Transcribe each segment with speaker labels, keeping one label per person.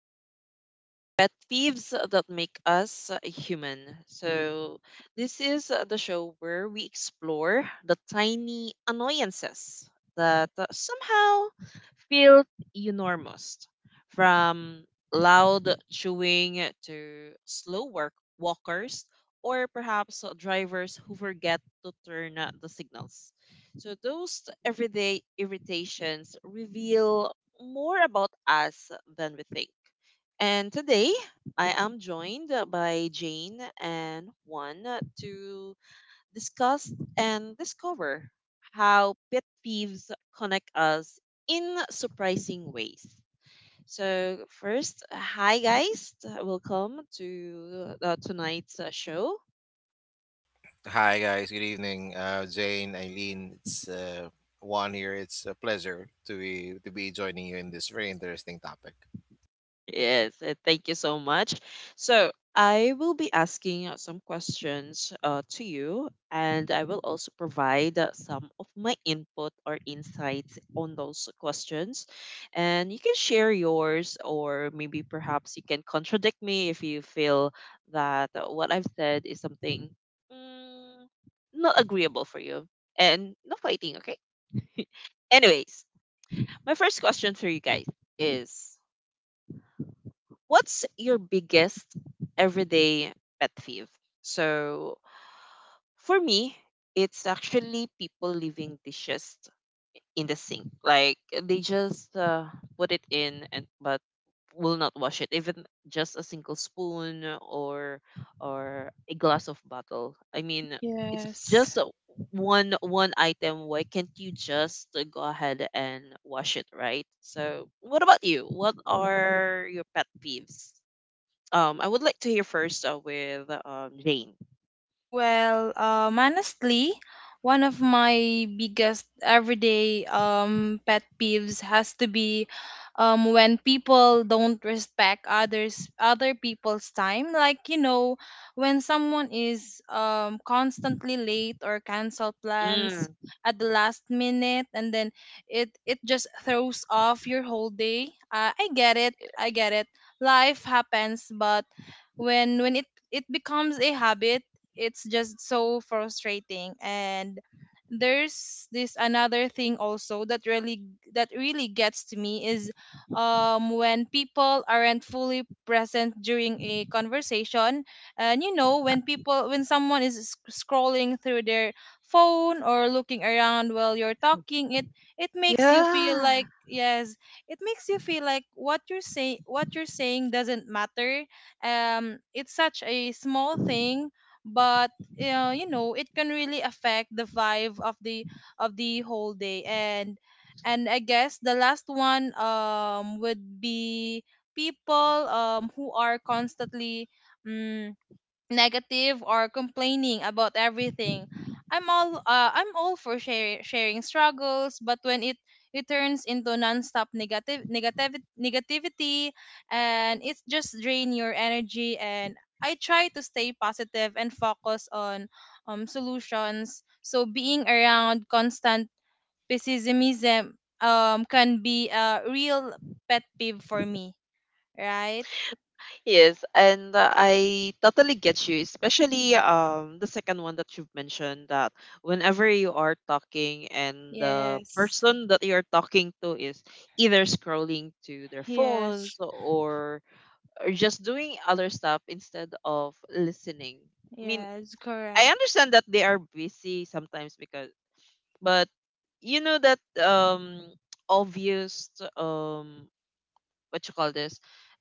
Speaker 1: Welcome to Pet Thieves That Make Us Human. So, this is the show where we explore the tiny annoyances that somehow feel enormous, from loud chewing to slow work walkers, or perhaps drivers who forget to turn the signals. So, those everyday irritations reveal more about us than we think. And today, I am joined by Jane and Juan to discuss and discover how pet peeves connect us in surprising ways. So, first, hi guys, welcome to tonight's show.
Speaker 2: Hi guys, good evening. Jane, Eileen, it's Juan here. It's a pleasure to be joining you in this very interesting topic.
Speaker 1: Yes, thank you so much. So, I will be asking some questions to you, and I will also provide some of my input or insights on those questions. And you can share yours, or maybe perhaps you can contradict me if you feel that what I've said is something not agreeable for you. And no fighting, okay? Anyways, my first question for you guys is: what's your biggest everyday pet peeve? So for me, it's actually people leaving dishes in the sink. Like, they just put it in, and but will not wash it, even just a single spoon or a glass of bottle. I mean, it's
Speaker 3: Yes.
Speaker 1: just one item. Why can't you just go ahead and wash it, right? So what about you? What are your pet peeves? I would like to hear first with Jane.
Speaker 3: Honestly, one of my biggest everyday pet peeves has to be when people don't respect other people's time. Like, when someone is constantly late or cancel
Speaker 1: Mm.
Speaker 3: plans at the last minute, and then it just throws off your whole day. I get it. I get it. Life happens, but when it becomes a habit, it's just so frustrating. And there's this another thing also that really gets to me is when people aren't fully present during a conversation. And you know, when someone is scrolling through their phone or looking around while you're talking, it makes you feel
Speaker 1: Yeah.
Speaker 3: like yes it makes you feel like what you're saying doesn't matter. It's such a small thing, but you know, it can really affect the vibe of the whole day. And I guess the last one would be people who are constantly mm negative or complaining about everything. I'm all for sharing struggles, but when it turns into nonstop negative negative negativity, and it's just drain your energy. And I try to stay positive and focus on solutions. So being around constant pessimism can be a real pet peeve for me, right?
Speaker 1: Yes, and I totally get you, especially the second one that you've mentioned, that whenever you are talking and the
Speaker 3: Yes.
Speaker 1: person that you're talking to is either scrolling to their phones,
Speaker 3: Yes.
Speaker 1: or just doing other stuff instead of listening. I mean,
Speaker 3: Yes,
Speaker 1: I
Speaker 3: correct.
Speaker 1: understand that they are busy sometimes because. But you know that um obvious um what you call this?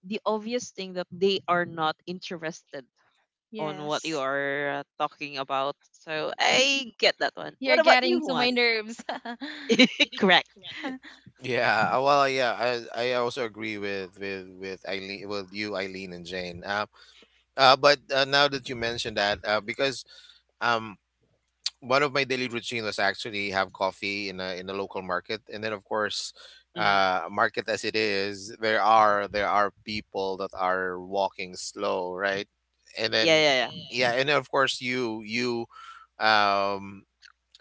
Speaker 1: The obvious thing that they are not interested on what you
Speaker 3: Yes.
Speaker 1: are talking about. So I get that one.
Speaker 3: You're
Speaker 1: What about
Speaker 3: getting
Speaker 1: you,
Speaker 3: to
Speaker 1: Juan?
Speaker 3: my nerves.
Speaker 1: Correct.
Speaker 2: Yeah, uh, well, uh, yeah, I also agree with with Eileen, with you, Eileen and Jane. But now that you mentioned that, because um one of my daily routine was actually have coffee in a local market, and then of course
Speaker 1: Mm.
Speaker 2: market as it is, there are people that are walking slow, right? And
Speaker 1: Yeah,
Speaker 2: then,
Speaker 1: yeah,
Speaker 2: yeah, and of course you um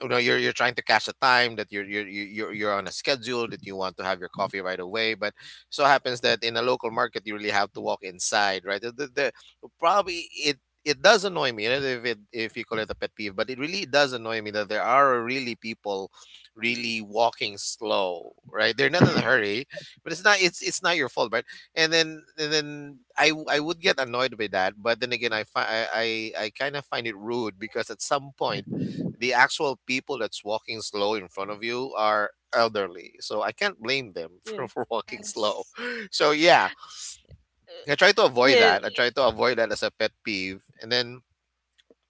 Speaker 2: you know, you're trying to catch the time that you're you- you're on a schedule that you want to have your coffee right away. But so happens that in a local market you really have to walk inside, right? Probably it, it does annoy me, you know, if you call it a pet peeve, but it really does annoy me that there are really people really walking slow, right? They're not in a hurry. But it's not, it's not your fault, right? And then I would get annoyed by that, but then again, I fi- I kind of find it rude because at some point the actual people that's walking slow in front of you are elderly, so I can't blame them
Speaker 1: yeah. Yeah.
Speaker 2: for walking slow.
Speaker 3: Yes.
Speaker 2: So yeah, I try to avoid
Speaker 1: Yeah.
Speaker 2: that. I try to avoid that as a pet peeve. And then,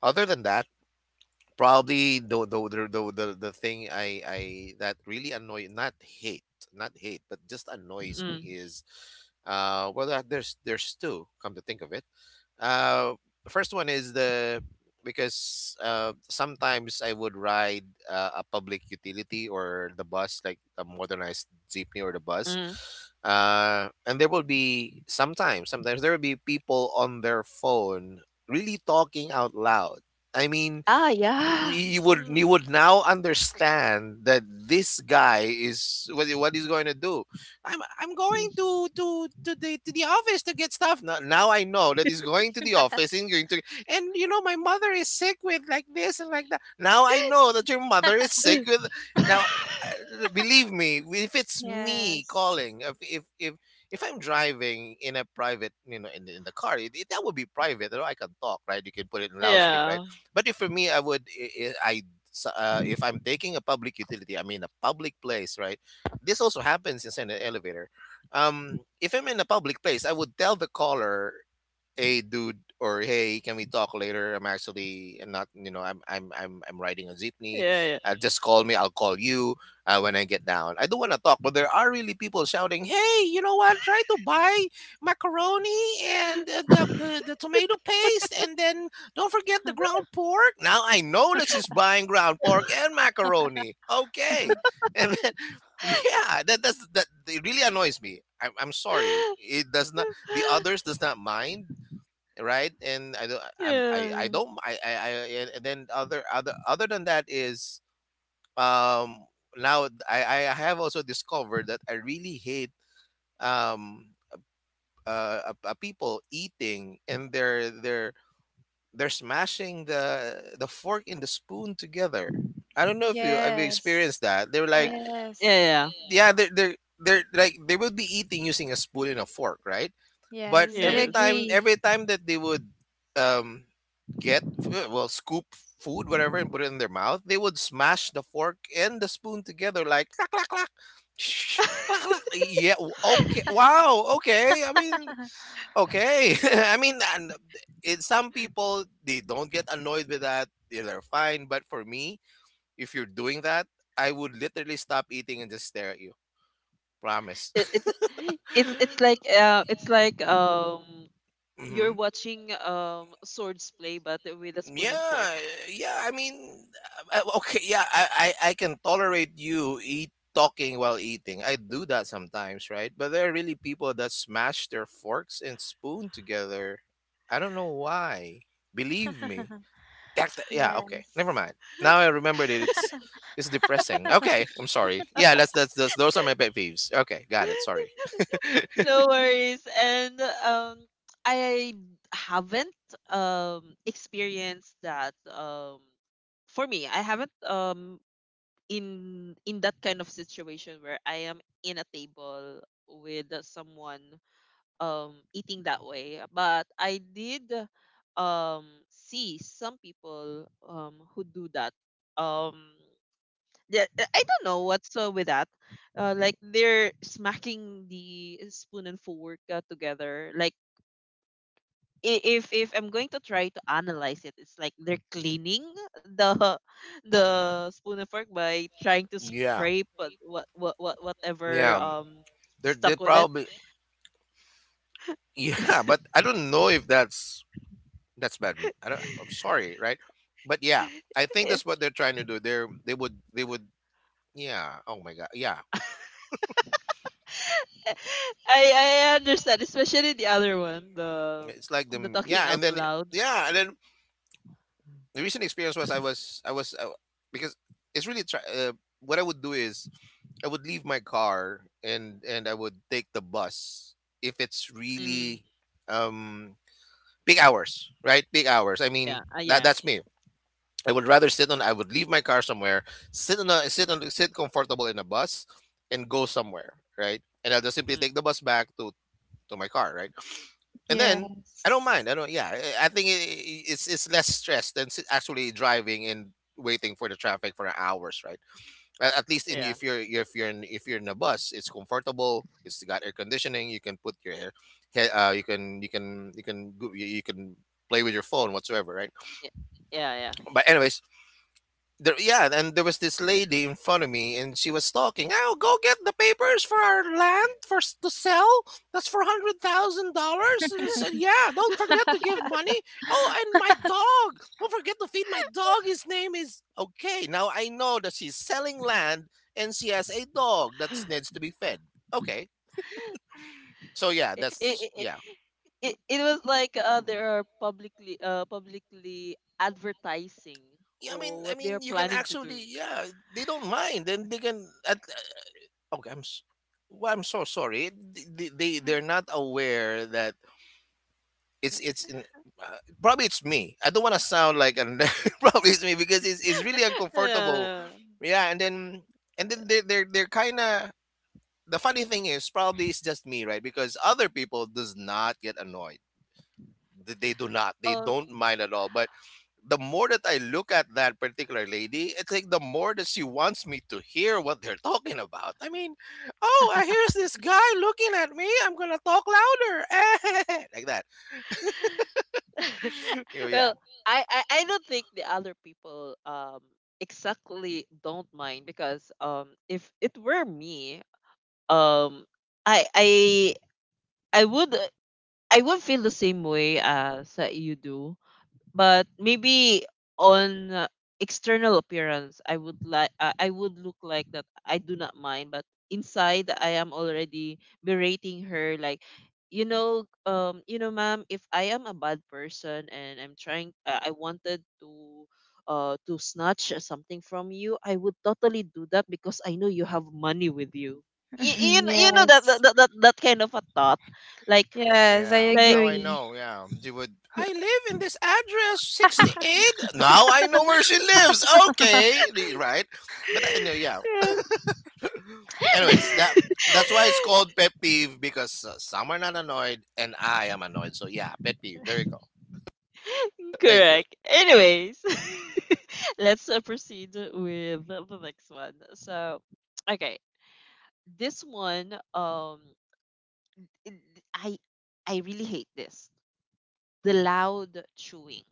Speaker 2: other than that, probably the thing, I that really annoy, not hate, not hate, but just annoys me
Speaker 1: Mm,
Speaker 2: is, well, there's two come to think of it. uh, first one is the, because sometimes I would ride a public utility or the bus, like a modernized jeepney or the bus.
Speaker 1: mm.
Speaker 2: And there will be sometimes, sometimes there will be people on their phone really talking out loud. I mean,
Speaker 1: Ah, yeah.
Speaker 2: you
Speaker 1: Mm.
Speaker 2: would now understand that this guy is what what he's going to do. I'm going
Speaker 1: mm.
Speaker 2: to the office to get stuff. Now I know that he's going to the office and going to. And, you know, my mother is sick with like this and like that. Now I know that your mother is sick with. Now, believe me, if it's me
Speaker 3: Yes.
Speaker 2: calling, if I'm driving in a private, you know, in, in the car, it, that would be private. Although I can talk, right? You can put it in loudspeak,
Speaker 1: yeah.
Speaker 2: right? But if for me, I would I, so, if I'm taking a public utility, I mean a public place, right? This also happens inside an elevator. If I'm in a public place, I would tell the caller, hey dude, or hey, can we talk later? I'm actually, I'm not, you know, I'm riding a jeepney.
Speaker 1: Yeah. Yeah.
Speaker 2: Just call me. I'll call you when I get down. I don't want to talk, but there are really people shouting, hey, you know what, try to buy macaroni, and the tomato paste. And then, don't forget the ground pork. Now I know that she's buying ground pork and macaroni. Okay. And then, yeah, that, it really annoys me. I'm sorry. It does not, the others does not mind, right? And I don't, I'm
Speaker 1: Yeah.
Speaker 2: I don't, I. And then other than that is, um now I have also discovered that I really hate, um people eating, and they're they're smashing the fork and the spoon together. I don't know if you experienced
Speaker 3: Yes.
Speaker 2: that. They're
Speaker 1: Uh,
Speaker 2: like,
Speaker 1: Yeah.
Speaker 3: Yes.
Speaker 1: Yeah.
Speaker 2: yeah, they're like, they would be eating using a spoon and a fork, right? But
Speaker 3: Yes, I
Speaker 1: Yes.
Speaker 3: agree.
Speaker 2: every time that they would, um get f- well scoop food whatever and put it in their mouth, they would smash the fork and the spoon together like clack clack clack. Shh, clack, clack. Yeah. Okay. Wow. Okay. I mean. Okay. I mean, and, it, some people they don't get annoyed with that. They're fine. But for me, if you're doing that, I would literally stop eating and just stare at you. Promise.
Speaker 1: it, it's it's like it's like
Speaker 2: it's like
Speaker 1: you're watching swords play, but with a spoon and fork.
Speaker 2: Yeah, yeah. I mean, okay. Yeah, I can tolerate you eat talking while eating. I do that sometimes, right? But there are really people that smash their forks and spoon together. I don't know why. Believe me. That, yeah. Okay. Never
Speaker 3: Yes.
Speaker 2: mind. Now I remembered it. It's depressing. Okay. I'm sorry. Yeah. That's those are my pet peeves. Okay. Got it. Sorry.
Speaker 1: No worries. And um I haven't experienced that. For me, I haven't, in that kind of situation where I am in a table with someone eating that way. But I did um see some people who do that. um yeah, I don't know what's with that, like they're smacking the spoon and fork together. Like, if I'm going to try to analyze it, it's like they're cleaning the the spoon and fork by trying to
Speaker 2: Yeah.
Speaker 1: scrape whatever
Speaker 2: Yeah. They
Speaker 1: stuck with it.
Speaker 2: probably. Yeah, but I don't know if that's. That's bad. I don't, I'm sorry, right? But yeah, I think that's what they're trying to do. They're, they would, yeah. Oh my god, yeah.
Speaker 1: I understand, especially the other one,
Speaker 2: It's like
Speaker 1: the
Speaker 2: them,
Speaker 1: talking
Speaker 2: yeah, and
Speaker 1: out
Speaker 2: then,
Speaker 1: loud.
Speaker 2: yeah, and then the recent experience was, I was because it's really try, what I would do is, I would leave my car, and I would take the bus if it's
Speaker 1: Mm,
Speaker 2: really, um big hours, right? Big hours. I
Speaker 1: yeah,
Speaker 2: mean,
Speaker 1: yeah,
Speaker 2: that's me. I would rather sit on. I would leave my car somewhere, sit on a sit comfortable in a bus, and go somewhere, right? And I'll just simply
Speaker 1: mm,
Speaker 2: take the bus back to my car, right? And then, I don't
Speaker 3: Yes.
Speaker 2: mind. I don't. Yeah, I think it, it's less stress than actually driving and waiting for the traffic for hours, right? At least in,
Speaker 1: yeah,
Speaker 2: if you're in, if you're in a bus, it's comfortable. It's got air conditioning. You can put your hair. You can you can you can play with your phone whatsoever, right?
Speaker 1: yeah, yeah, yeah.
Speaker 2: But anyways, there, yeah, and there was this lady in front of me, and she was talking. Oh, go get the papers for our land for to sell. That's for $100,000. And I said, yeah, don't forget to give money. Oh, and my dog. Don't forget to feed my dog. His name is, okay. Now I know that she's selling land, and she has a dog that needs to be fed. Okay, so
Speaker 1: It,
Speaker 2: yeah,
Speaker 1: it,
Speaker 2: that's
Speaker 1: it,
Speaker 2: yeah.
Speaker 1: it was like
Speaker 2: Mm.
Speaker 1: they are publicly publicly advertising
Speaker 2: Yeah, I mean,
Speaker 1: or what they are
Speaker 2: you can
Speaker 1: planning to do.
Speaker 2: actually, yeah, they don't mind, and they can at. Okay, I'm. Well, I'm so sorry. They're not aware that, it's in. Uh, probably it's me. I don't want to sound like an. Probably it's me because it's really
Speaker 1: Yeah.
Speaker 2: uncomfortable.
Speaker 1: yeah.
Speaker 2: Yeah, and then they are, they're kind of. The funny thing is, probably it's just me, right? Because other people does not get annoyed. They do not. They
Speaker 1: Um.
Speaker 2: don't mind at all. But the more that I look at that particular lady, it's like the more that she wants me to hear what they're talking about. I mean, oh, here's this guy looking at me. I'm gonna talk louder, like that. Yeah, yeah,
Speaker 1: Well, I don't think the other people exactly don't mind, because if it were me, um I I I would feel the same way as you do. But maybe on external appearance, I would like I would look like that I do not mind, but inside I am already berating her. Like, you know, um, you know ma'am, if I am a bad person and I'm trying, I wanted to snatch something from you, I would totally do that because I know you have money with you. You know that
Speaker 3: Yes.
Speaker 1: that kind of a thought, like.
Speaker 3: Yes, I
Speaker 2: yeah.
Speaker 1: Like.
Speaker 2: Now I
Speaker 3: agree.
Speaker 2: know. Yeah, she would. I live in this address 68. Now I know where she lives. Okay, right. But I know, yeah.
Speaker 1: Yeah.
Speaker 2: Anyways, that's why it's called pet peeve because some are not annoyed and I am annoyed. So yeah, pet peeve. There you go. Thank you.
Speaker 1: Correct. Anyways, let's proceed with the next one. So, okay, this one, it- I I really hate this. The loud chewing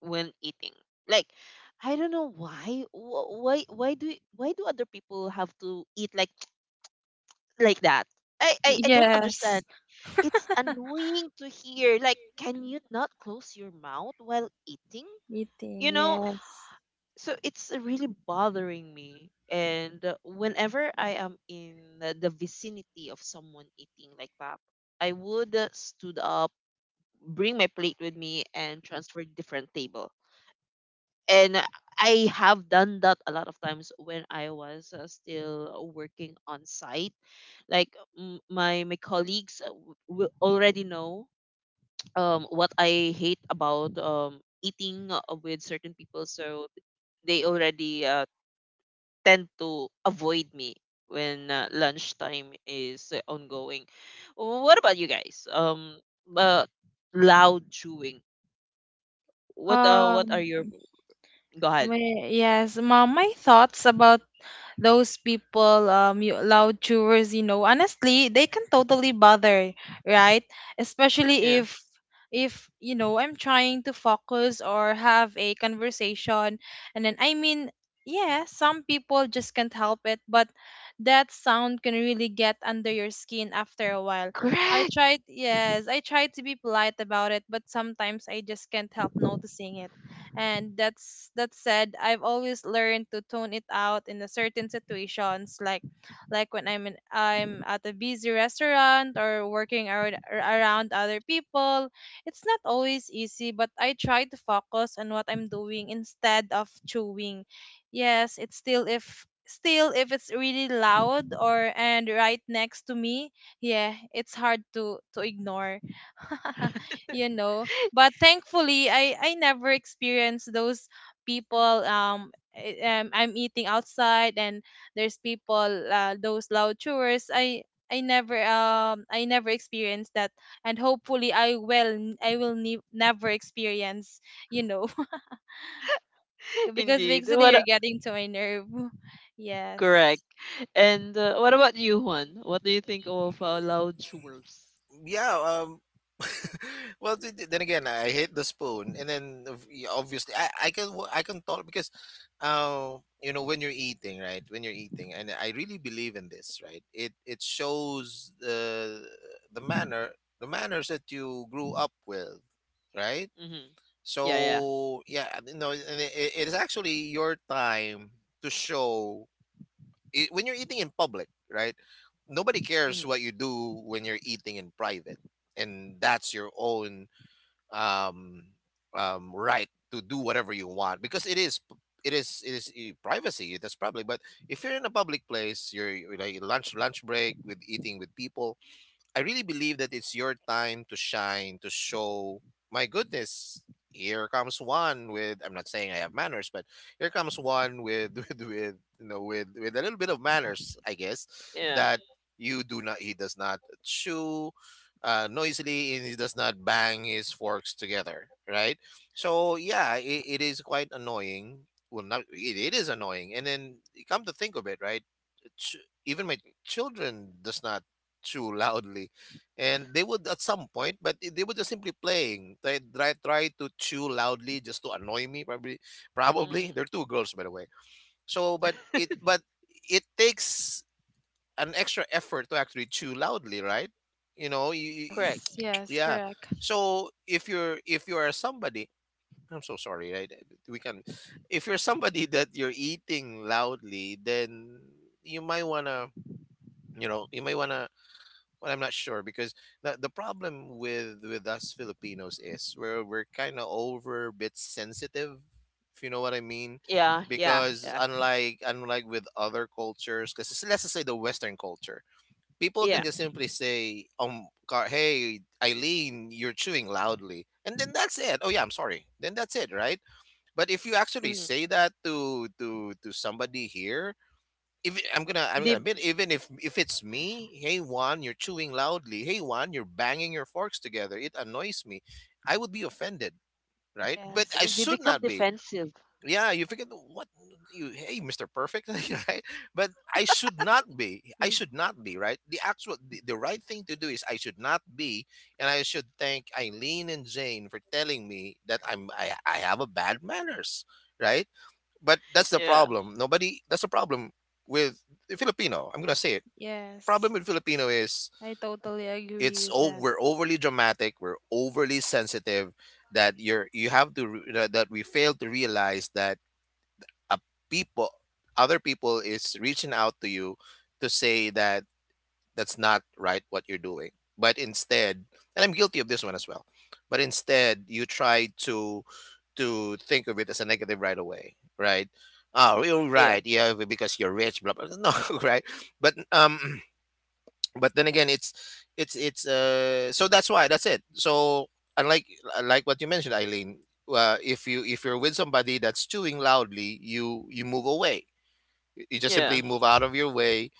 Speaker 1: when eating. Like, I don't know why. Why do other people have to eat like like that? I don't
Speaker 3: Yes.
Speaker 1: understand. It's annoying to hear. Like, can you not close your mouth while eating?
Speaker 3: Eating,
Speaker 1: You know,
Speaker 3: yes.
Speaker 1: so it's really bothering me. And whenever I am in the vicinity of someone eating like that, I would, stood up, bring my plate with me and transfer different table. And I have done that a lot of times when I was still working on site. Like, my my colleagues will already know what I hate about eating with certain people, so they already tend to avoid me when lunchtime is ongoing. What about you guys? Uh, loud chewing. What are
Speaker 3: Um,
Speaker 1: your, go ahead?
Speaker 3: my, yes, mom, my thoughts about those people, loud chewers. You know, honestly, they can totally bother, right? Especially
Speaker 1: Yeah,
Speaker 3: if you know, I'm trying to focus or have a conversation. And then, I mean, yeah, some people just can't help it, but that sound can really get under your skin after a while.
Speaker 1: correct.
Speaker 3: I tried to be polite about it, but sometimes I just can't help noticing it. And that said, I've always learned to tone it out in a certain situations, like when I'm at a busy restaurant or working around other people. It's not always easy, but I try to focus on what I'm doing instead of chewing. Yes, it's still if it's really loud or and right next to me, yeah, it's hard to ignore. You know, but thankfully I never experienced those people. I'm eating outside and there's people, those loud chores. I never experienced that, and hopefully I will I will never experience, you know. Because
Speaker 1: Indeed.
Speaker 3: basically, you're getting to my nerve.
Speaker 1: Correct.
Speaker 3: Yes.
Speaker 1: And what about you, Juan? What do you think of loud chewers?
Speaker 2: Yeah. Well, then again, I hate the spoon, and then obviously I I can talk because, uh, you know, when you're eating, right? When you're eating, and I really believe in this, right? It shows the manner the manners that you grew up with, right?
Speaker 1: Mm-hmm. Yeah, yeah.
Speaker 2: So yeah, no, and it is actually your time to show I when you're eating in public, right? Nobody
Speaker 1: Mm-hmm.
Speaker 2: cares what you do when you're eating in private, and that's your own um, right to do whatever you want because it is it is privacy. That's probably. But if you're in a public place, you're like lunch break with eating with people. I really believe that it's your time to shine, to show, my goodness, here comes one with, I'm not saying I have manners, but here comes one with with you know, with a little bit of manners, I guess,
Speaker 1: Yeah.
Speaker 2: that you do not, he does not chew noisily, and he does not bang his forks together, right? So yeah, it is quite annoying. Well, not, it, it is annoying, and then you come to think of it, right? Even my children does not chew loudly, and they would at some point, but they were just simply playing. They try to chew loudly just to annoy me, probably probably they're
Speaker 1: Mm.
Speaker 2: two girls, by the way. So but it takes an extra effort to actually chew loudly, right? you know you, you-
Speaker 1: Correct.
Speaker 3: Yes, yes,
Speaker 2: yeah.
Speaker 3: correct.
Speaker 2: So if you are somebody, I'm so sorry, right? We can, if you're somebody that you're eating loudly, then you might want to, you may want to, well, I'm not sure, because the problem with us Filipinos is we're kind of over bit sensitive, if you know what I mean.
Speaker 1: Yeah, yeah,
Speaker 2: Because
Speaker 1: yeah,
Speaker 2: unlike with other cultures, because let's just say the western culture, people
Speaker 1: yeah.
Speaker 2: can just simply say, car hey Eileen, you're chewing loudly, and then that's it. Oh yeah, I'm sorry, then that's it, right? But if you
Speaker 3: Yes.
Speaker 2: actually
Speaker 1: Mm.
Speaker 2: say that to somebody here, if it- I'm gonna
Speaker 1: They
Speaker 2: admit, even if it's me, hey Juan, you're chewing loudly. Hey Juan, you're banging your forks together. It annoys me. I would be offended, right? But I
Speaker 3: Yes.
Speaker 1: they
Speaker 2: should
Speaker 1: become
Speaker 2: not be.
Speaker 1: defensive.
Speaker 2: Yeah, you forget what you, hey Mr. Perfect, right? But I should not be. I should not be, right? The actual the right thing to do is I should not be, and I should thank Eileen and Jane for telling me that I have a bad manners, right? But that's the
Speaker 1: Yeah,
Speaker 2: problem. Nobody. That's the problem with the Filipino. I'm gonna say it.
Speaker 3: Yes,
Speaker 2: Problem with Filipino is
Speaker 3: I totally agree
Speaker 2: it's,
Speaker 3: with
Speaker 2: oh,
Speaker 3: that.
Speaker 2: we're overly dramatic. We're overly sensitive. That you're you have to re- That we fail to realize that a people, other people is reaching out to you to say that that's not right what you're doing. But instead, and I'm guilty of this one as well, but instead you try to think of it as a negative right away, right? Oh, you're
Speaker 1: yeah,
Speaker 2: right, yeah, because you're rich, blah blah blah. No, right? but But then again, it's it's so that's why, that's it. So unlike, like what you mentioned, Eileen, if you, if you're with somebody that's chewing loudly, you move away. You just
Speaker 1: yeah.
Speaker 2: simply move out of your way,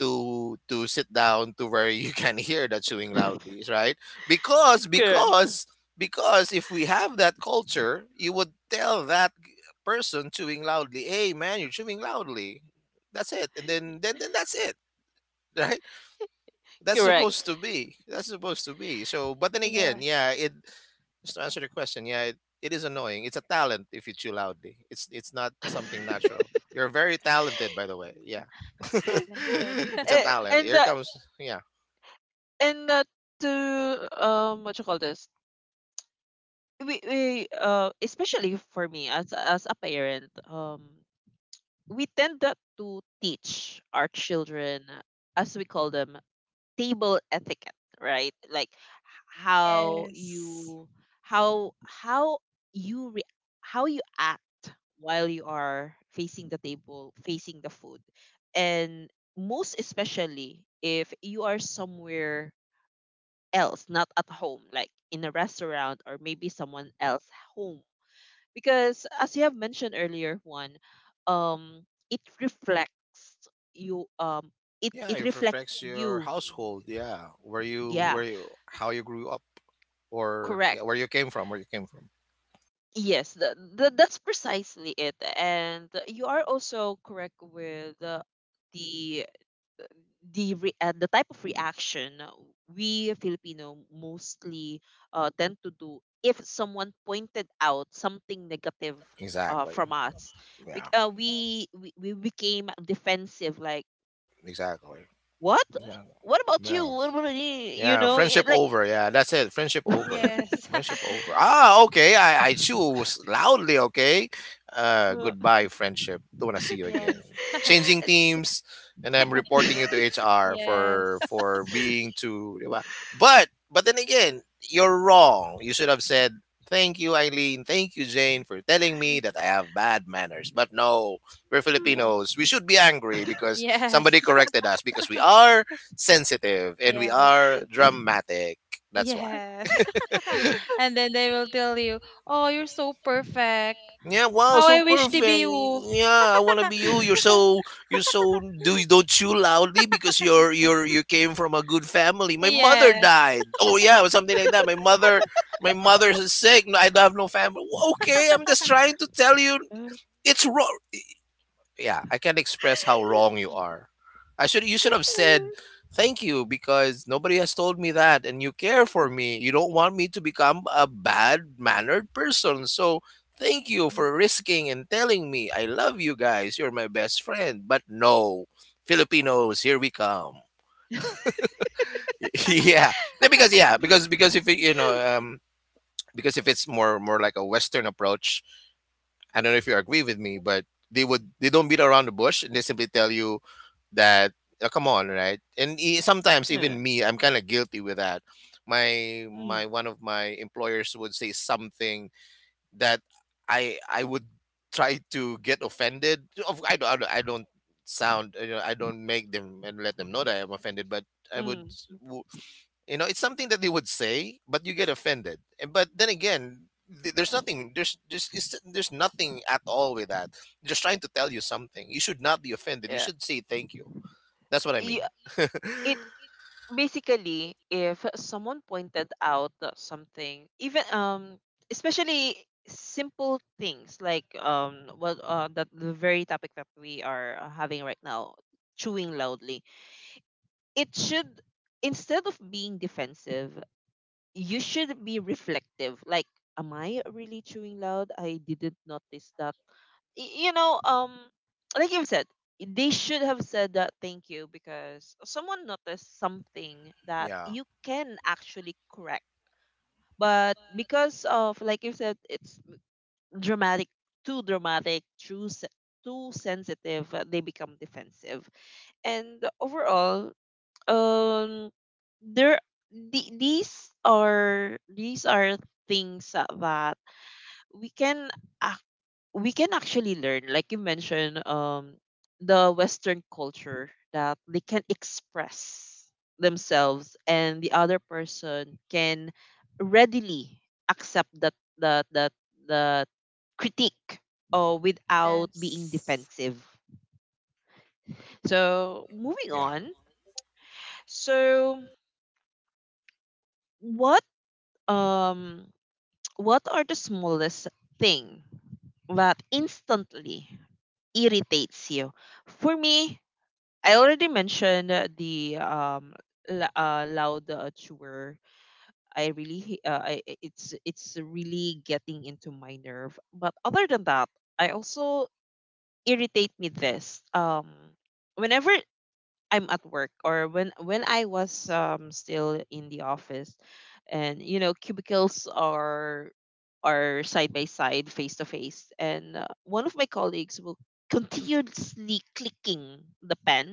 Speaker 2: to sit down to where you can hear the chewing loudly, right? Because
Speaker 1: Cor
Speaker 2: because because if we have that culture, you would tell that person chewing loudly, "Hey man, you're chewing loudly." That's it. And then that's it, right? That's
Speaker 1: correct.
Speaker 2: supposed to be. That's supposed to be. So, but then again,
Speaker 3: Yes.
Speaker 2: yeah, it, just to answer the question, yeah, it is annoying. It's a talent if you chew loudly. It's not something natural. You're very talented, by the way. Yeah,
Speaker 3: Talented.
Speaker 2: it's a
Speaker 1: A
Speaker 2: talent.
Speaker 1: and,
Speaker 2: Here
Speaker 1: uh,
Speaker 2: comes, yeah,
Speaker 1: and, to, what you call this? We, especially for me as a parent, um, we tend that to teach our children, as we call them, table etiquette, right? Like, how
Speaker 3: Yes.
Speaker 1: you how you how you act while you are facing the table, facing the food. And most especially if you are somewhere else, not at home, like in a restaurant or maybe someone else home. Because as you have mentioned earlier, one, um, it reflects you um it
Speaker 2: yeah.
Speaker 1: it
Speaker 2: It
Speaker 1: reflects
Speaker 2: reflects your
Speaker 1: you.
Speaker 2: household. Yeah, where you
Speaker 1: Yeah.
Speaker 2: how you grew up, or
Speaker 1: Correct.
Speaker 2: yeah, where you came from, where you came from.
Speaker 1: Yes, that's precisely it. And you are also correct with the the type of reaction we Filipino mostly tend to do if someone pointed out something negative
Speaker 2: Exactly.
Speaker 1: from us.
Speaker 2: Yeah.
Speaker 1: We became defensive. Like,
Speaker 2: Exactly.
Speaker 1: what?
Speaker 2: Yeah.
Speaker 1: What about
Speaker 2: Yeah.
Speaker 1: you? What about me? You
Speaker 2: Yeah,
Speaker 1: know,
Speaker 2: friendship
Speaker 1: it, like.
Speaker 2: over. Yeah, that's it. Friendship over.
Speaker 3: Yes.
Speaker 2: Friendship over. Ah, okay. I choose loudly. Okay. Goodbye, friendship. Don't wanna see you again.
Speaker 3: Yes.
Speaker 2: Changing teams, and I'm reporting you to HR for
Speaker 3: Yes.
Speaker 2: being too. Di ba? But then again, you're wrong. You should have said thank you, Eileen. Thank you, Jane, for telling me that I have bad manners. But no, we're
Speaker 3: No.
Speaker 2: Filipinos. We should be angry because somebody
Speaker 3: Yes.
Speaker 2: corrected us, because we are sensitive and we
Speaker 3: Yes.
Speaker 2: are dramatic. That's why.
Speaker 3: Yes. And then they will tell you, "Oh, you're so perfect.
Speaker 2: Yeah, wow,
Speaker 3: How
Speaker 2: so
Speaker 3: I wish to be
Speaker 2: perfect.
Speaker 3: you."
Speaker 2: Yeah, I wanna be you. You're so, do don't chew loudly because you came from a good family. My mother
Speaker 3: Yes.
Speaker 2: died. Oh yeah, or something like that. My mother, my mother's sick. No, I don't have no family. Okay, I'm just trying to tell you it's wrong. Yeah, I can't express how wrong you are. I should You should have said thank you because nobody has told me that and you care for me. You don't want me to become a bad-mannered person. So thank you for risking and telling me. I love you guys. You're my best friend. But no, Filipinos, here we come. Yeah. Yeah, because yeah, because if it, because if it's more like a western approach, I don't know if you agree with me, but they would, they don't beat around the bush, and they simply tell you that, "Oh, come on, right? And sometimes
Speaker 1: mm,
Speaker 2: even me, I'm kind of guilty with that. My
Speaker 1: mm.
Speaker 2: my one of my employers would say something that I, would try to get offended. Of, I don't sound, I don't make them and let them know that I'm offended, but I would,
Speaker 1: Mm.
Speaker 2: you know, it's something that they would say, but you get offended. And, but then again, there's nothing. There's nothing at all with that. Just trying to tell you something. You should not be offended. You
Speaker 1: Yeah.
Speaker 2: should say thank you. That's what I
Speaker 1: Y-
Speaker 2: mean.
Speaker 1: It basically, if someone pointed out something, even especially simple things like, what that the very topic that we are having right now, chewing loudly. It should, instead of being defensive, you should be reflective. Like, am I really chewing loud? I didn't notice that, you know, like you said, they should have said that thank you because someone noticed something that
Speaker 2: Yeah,
Speaker 1: you can actually correct. But because of, like you said, it's dramatic, too dramatic, too sensitive, they become defensive. And overall, um, there, the these are things that we can we can actually learn, like you mentioned, the Western culture that they can express themselves and the other person can readily accept that that that the critique without being
Speaker 3: Yes.
Speaker 1: defensive. So moving
Speaker 2: yeah.
Speaker 1: on. So what um what are the smallest thing that instantly irritates you? For me, I already mentioned the loud tour. I really it's really getting into my nerve. But other than that, I also irritate me this whenever I'm at work, or when I was still in the office, and you know cubicles are side by side, face to face, and one of my colleagues will continuously clicking the pen.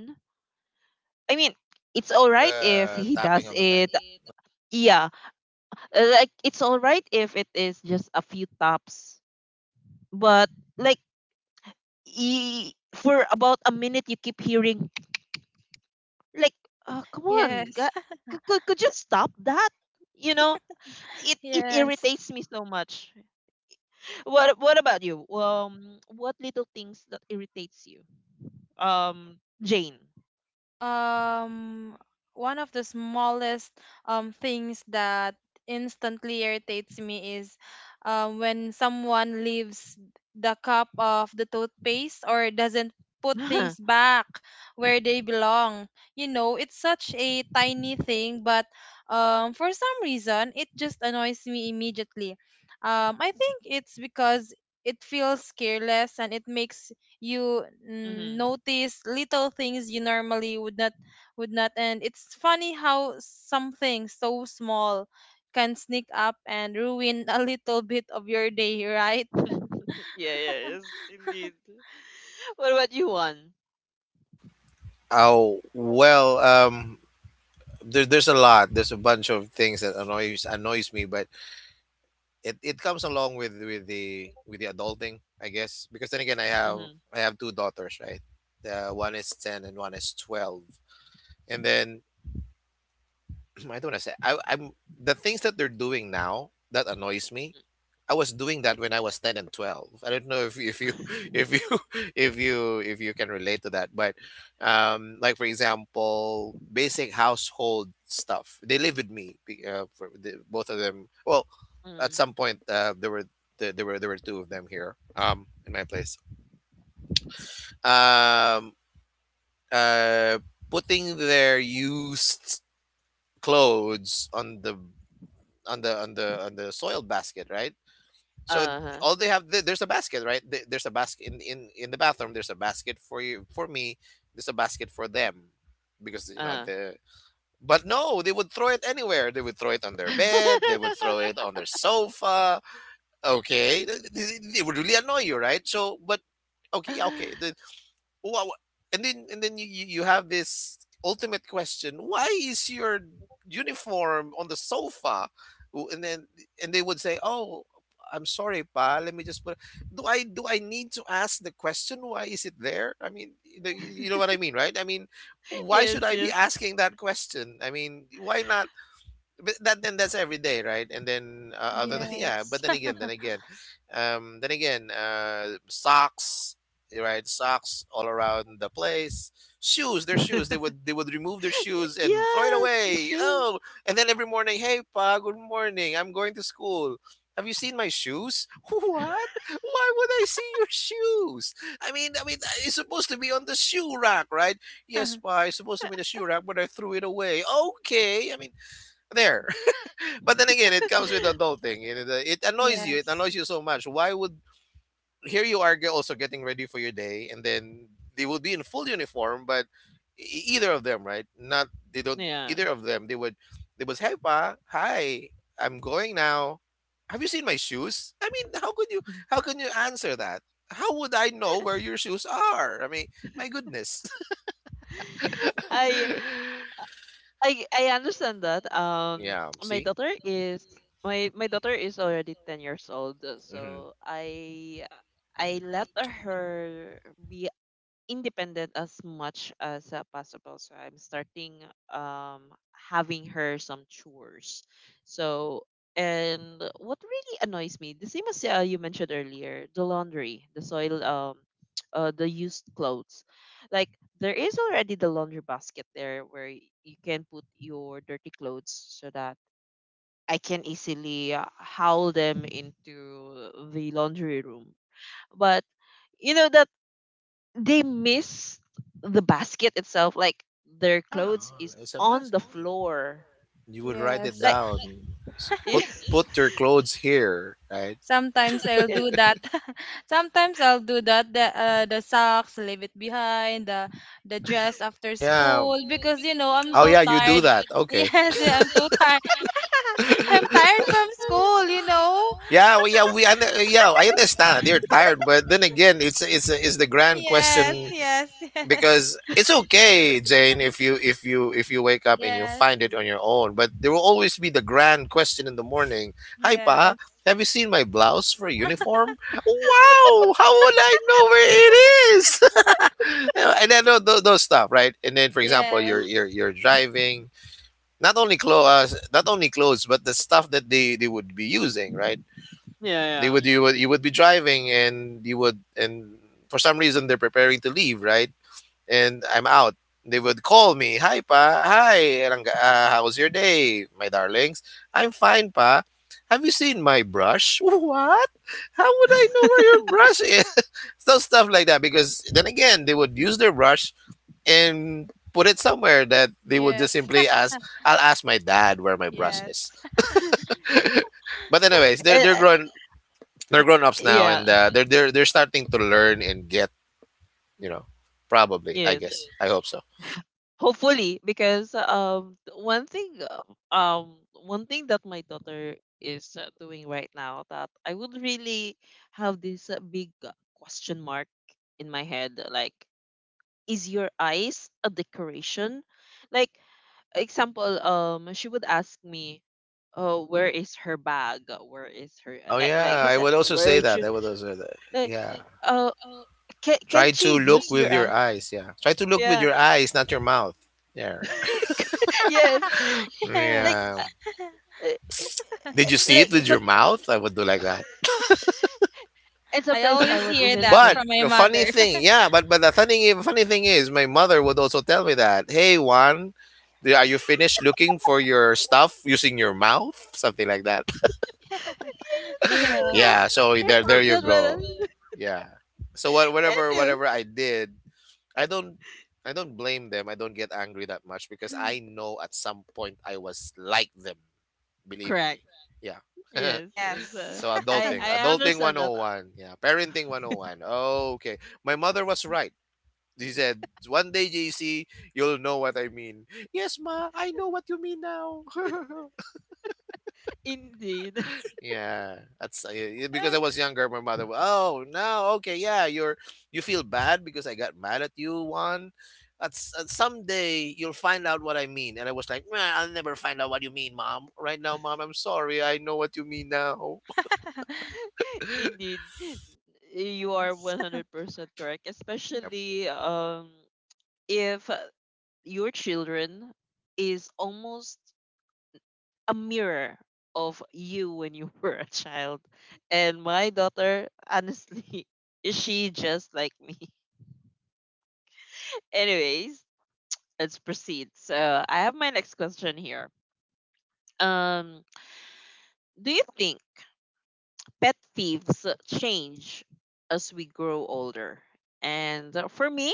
Speaker 1: I mean, it's all
Speaker 2: Or
Speaker 1: right if
Speaker 2: the
Speaker 1: he
Speaker 2: tapping
Speaker 1: does
Speaker 2: of the pen.
Speaker 1: it. Yeah, like it's all right if it is just a few taps. But like, for about a minute, you keep hearing, like, oh, come on,
Speaker 3: Yes.
Speaker 1: could you stop that? You know, it
Speaker 3: Yes.
Speaker 1: irritates me so much. What about you? What little things that irritates you? Um, Jane.
Speaker 3: um One of the smallest things that instantly irritates me is when someone leaves the cup of the toothpaste or doesn't put
Speaker 1: hmm
Speaker 3: things back where they belong. You know, it's such a tiny thing, but for some reason it just annoys me immediately. I think it's because it feels careless, and it makes you notice little things you normally would not. And it's funny how something so small can sneak up and ruin a little bit of your day, right?
Speaker 1: Yeah, yeah, yes, indeed. What about you, one?
Speaker 2: Oh well, there, there's a lot. There's a bunch of things that annoys me, but it comes along with with the adulting, I guess, because then again,
Speaker 1: Mm-hmm.
Speaker 2: I have two daughters, right? The one is 10 and one is 12, and then I don't want to say, I, I'm the things that they're doing now that annoys me, I was doing that when I was 10 and 12. I don't know if you if you if you can relate to that, but like for example, basic household stuff. They live with me, for the, both of them. Well, at some point, there were, there were two of them here, um, in my place. Um uh putting their used clothes on the, on the soiled basket, right? So
Speaker 1: Uh-huh,
Speaker 2: all they have, there's a basket, right? There's a basket in, in the bathroom. There's a basket for you, for me. There's a basket for them, because you know
Speaker 1: uh
Speaker 2: the. But no, they would throw it anywhere. They would throw it on their bed. They would throw it on their sofa. Okay, they would really annoy you, right? So, but okay, yeah, okay. The, wow, and then, you have this ultimate question: why is your uniform on the sofa? And then, and they would say, "Oh, I'm sorry, pa. Let me just put." Do I need to ask the question? Why is it there? I mean, you know what I mean, right? I mean, why
Speaker 1: Yes,
Speaker 2: should I be
Speaker 1: yes.
Speaker 2: asking that question? I mean, why not, but that then that's every day, right? And then, other than
Speaker 1: Mhm.
Speaker 2: yeah, but
Speaker 3: Yes.
Speaker 2: then again, then again, uh, socks, right? Socks all around the place. Shoes, their shoes, they would, remove their shoes and throw it
Speaker 1: yeah, the
Speaker 2: away, you
Speaker 1: shoes.
Speaker 2: know, and then every morning, hey pa, good morning, I'm going to school, have you seen my shoes? What? Why would I see your shoes? I mean it's supposed to be on the shoe rack, right? Yes pa, it's supposed to be in the shoe rack, but I threw it away, okay, I mean, there. But then again, it comes with adulting. It, it annoys you.
Speaker 1: Yeah,
Speaker 2: It
Speaker 3: Yes.
Speaker 2: annoys you so much. Why would, here you are also getting ready for your day, and then they would be in full uniform, but either of them, right? Not, they don't,
Speaker 1: yeah.
Speaker 2: either of them. They would, they was, hey pa, hi, I'm going now. Have you seen my shoes? I mean, how could you, how can you answer that? How would I know where your shoes are? I mean, my goodness.
Speaker 1: I I understand that.
Speaker 2: Yeah.
Speaker 1: My
Speaker 2: See.
Speaker 1: daughter is my my daughter is already 10 years old,
Speaker 2: Hmm.
Speaker 1: so I let her be independent as much as possible. So I'm starting, um, having her some chores. So and what really annoys me, the same as you mentioned earlier, the laundry, the soil, the used clothes. Like, there is already the laundry basket there where you can put your dirty clothes, so that I can easily haul them into the laundry room. But you know, the they miss the basket itself. Like, their
Speaker 2: Yeah,
Speaker 1: clothes is
Speaker 2: it's a
Speaker 1: on the
Speaker 2: basket.
Speaker 1: floor.
Speaker 2: You would write it
Speaker 3: Yes.
Speaker 1: Like.
Speaker 2: down.
Speaker 1: Yeah.
Speaker 2: Put, put your clothes here, right?
Speaker 3: Sometimes I'll do that. Sometimes I'll do that. The socks, leave it behind. The dress after
Speaker 2: Yeah.
Speaker 3: school, because you know, I'm
Speaker 2: Oh
Speaker 3: so
Speaker 2: yeah, you do
Speaker 3: tired.
Speaker 2: that. Okay.
Speaker 3: Yes, I'm so tired. I'm tired from school, you know?
Speaker 2: Yeah, well, yeah, I, yeah, I understand. You're tired, but then again, it's the grand
Speaker 3: Yes,
Speaker 2: question,
Speaker 3: yes.
Speaker 2: because it's okay, Jane, if you wake up and you
Speaker 3: Yes,
Speaker 2: find it on your own. But there will always be the grand question in the morning. Hi, pa,
Speaker 3: yes,
Speaker 2: have you seen my blouse for a
Speaker 3: yes.
Speaker 2: uniform? Wow, how would I know where it is? And I know those stuff, right? And then, for example,
Speaker 3: Yes,
Speaker 2: you're driving, not only clothes, not only clothes, but the stuff that they would be using, right? They
Speaker 1: Yeah,
Speaker 2: would you would be driving, and you would and for some reason they're preparing to leave, right? And I'm out. They would call me, "Hi pa, hi, Rangga, how's your day, my darlings? I'm fine pa. Have you seen my brush?" What? How would I know where your brush is? So stuff like that. Because then again, they would use their brush and put it somewhere that they would just
Speaker 3: yes.
Speaker 2: simply ask. I'll ask my dad where my brush
Speaker 3: Yes.
Speaker 2: is. But anyways, they're
Speaker 1: and,
Speaker 2: they're grown, they're grown ups now,
Speaker 1: yeah,
Speaker 2: and they're starting to learn and get, you know, probably, I
Speaker 1: yes.
Speaker 2: guess, I hope so.
Speaker 1: Hopefully, because um one thing that my daughter is doing right now that I would really have this big question mark in my head. Like, is your eyes a decoration? Like example, she would ask me, oh where is her bag, where is her
Speaker 2: Oh
Speaker 1: like
Speaker 2: yeah,
Speaker 1: you
Speaker 2: I
Speaker 1: said,
Speaker 2: would also
Speaker 1: where
Speaker 2: say that.
Speaker 1: should,
Speaker 2: I would also that.
Speaker 1: like,
Speaker 2: Yeah.
Speaker 1: oh, can
Speaker 2: Try
Speaker 1: she
Speaker 2: to look
Speaker 1: use your
Speaker 2: with your
Speaker 1: eye?
Speaker 2: eyes. Yeah. Try to look with
Speaker 1: Yeah.
Speaker 2: your eyes, not your mouth. Yeah.
Speaker 1: Yes. Like
Speaker 3: Yes.
Speaker 2: Yeah.
Speaker 1: uh, uh,
Speaker 2: Did you see
Speaker 1: like
Speaker 2: it with your
Speaker 1: some.
Speaker 2: mouth? I would do like that.
Speaker 1: And
Speaker 3: I
Speaker 1: sometimes I
Speaker 3: always
Speaker 1: would
Speaker 3: hear
Speaker 1: even
Speaker 3: that
Speaker 2: But
Speaker 1: say
Speaker 3: from my
Speaker 2: the funny
Speaker 3: mother.
Speaker 2: thing, yeah, but but the funny thing is, my mother would also tell me that, "Hey Juan, are you finished looking for your stuff using your mouth," something like that.
Speaker 1: yes. Oh,
Speaker 2: Yeah,
Speaker 3: Yes,
Speaker 2: so
Speaker 1: I
Speaker 2: there
Speaker 1: love
Speaker 2: you
Speaker 1: that
Speaker 2: go.
Speaker 1: one.
Speaker 2: Yeah. So what whatever
Speaker 1: Anyway.
Speaker 2: whatever I did, I don't I don't blame them. I don't get angry that much because I know at some point I was like them, believe
Speaker 1: Correct.
Speaker 2: me. Yeah.
Speaker 1: Yes, yes. uh,
Speaker 3: yes.
Speaker 2: So
Speaker 1: I
Speaker 2: adulting,
Speaker 1: I
Speaker 2: adulting
Speaker 1: understand that.
Speaker 2: 101. Yeah, parenting 101. Okay. My mother was right. She said, "One day, JC, you'll know what I mean." Yes, ma, I know what you mean now.
Speaker 1: Indeed.
Speaker 2: Yeah, that's because I was younger. My mother, wa- oh no, okay, yeah, you're, you feel bad because I got mad at you one. That's someday you'll find out what I mean, and I was like, "Nah, I'll never find out what you mean, mom. Right now, mom, I'm sorry. I know what you mean now."
Speaker 1: Indeed, you are
Speaker 3: Yes.
Speaker 1: 100% correct,
Speaker 2: Yep.
Speaker 1: especially if your children is almost a mirror of you when you were a child. And my daughter, honestly, is she just like me. Anyways, let's proceed. So I have my next question here. Um, do you think pet thieves change as we grow older? And For me,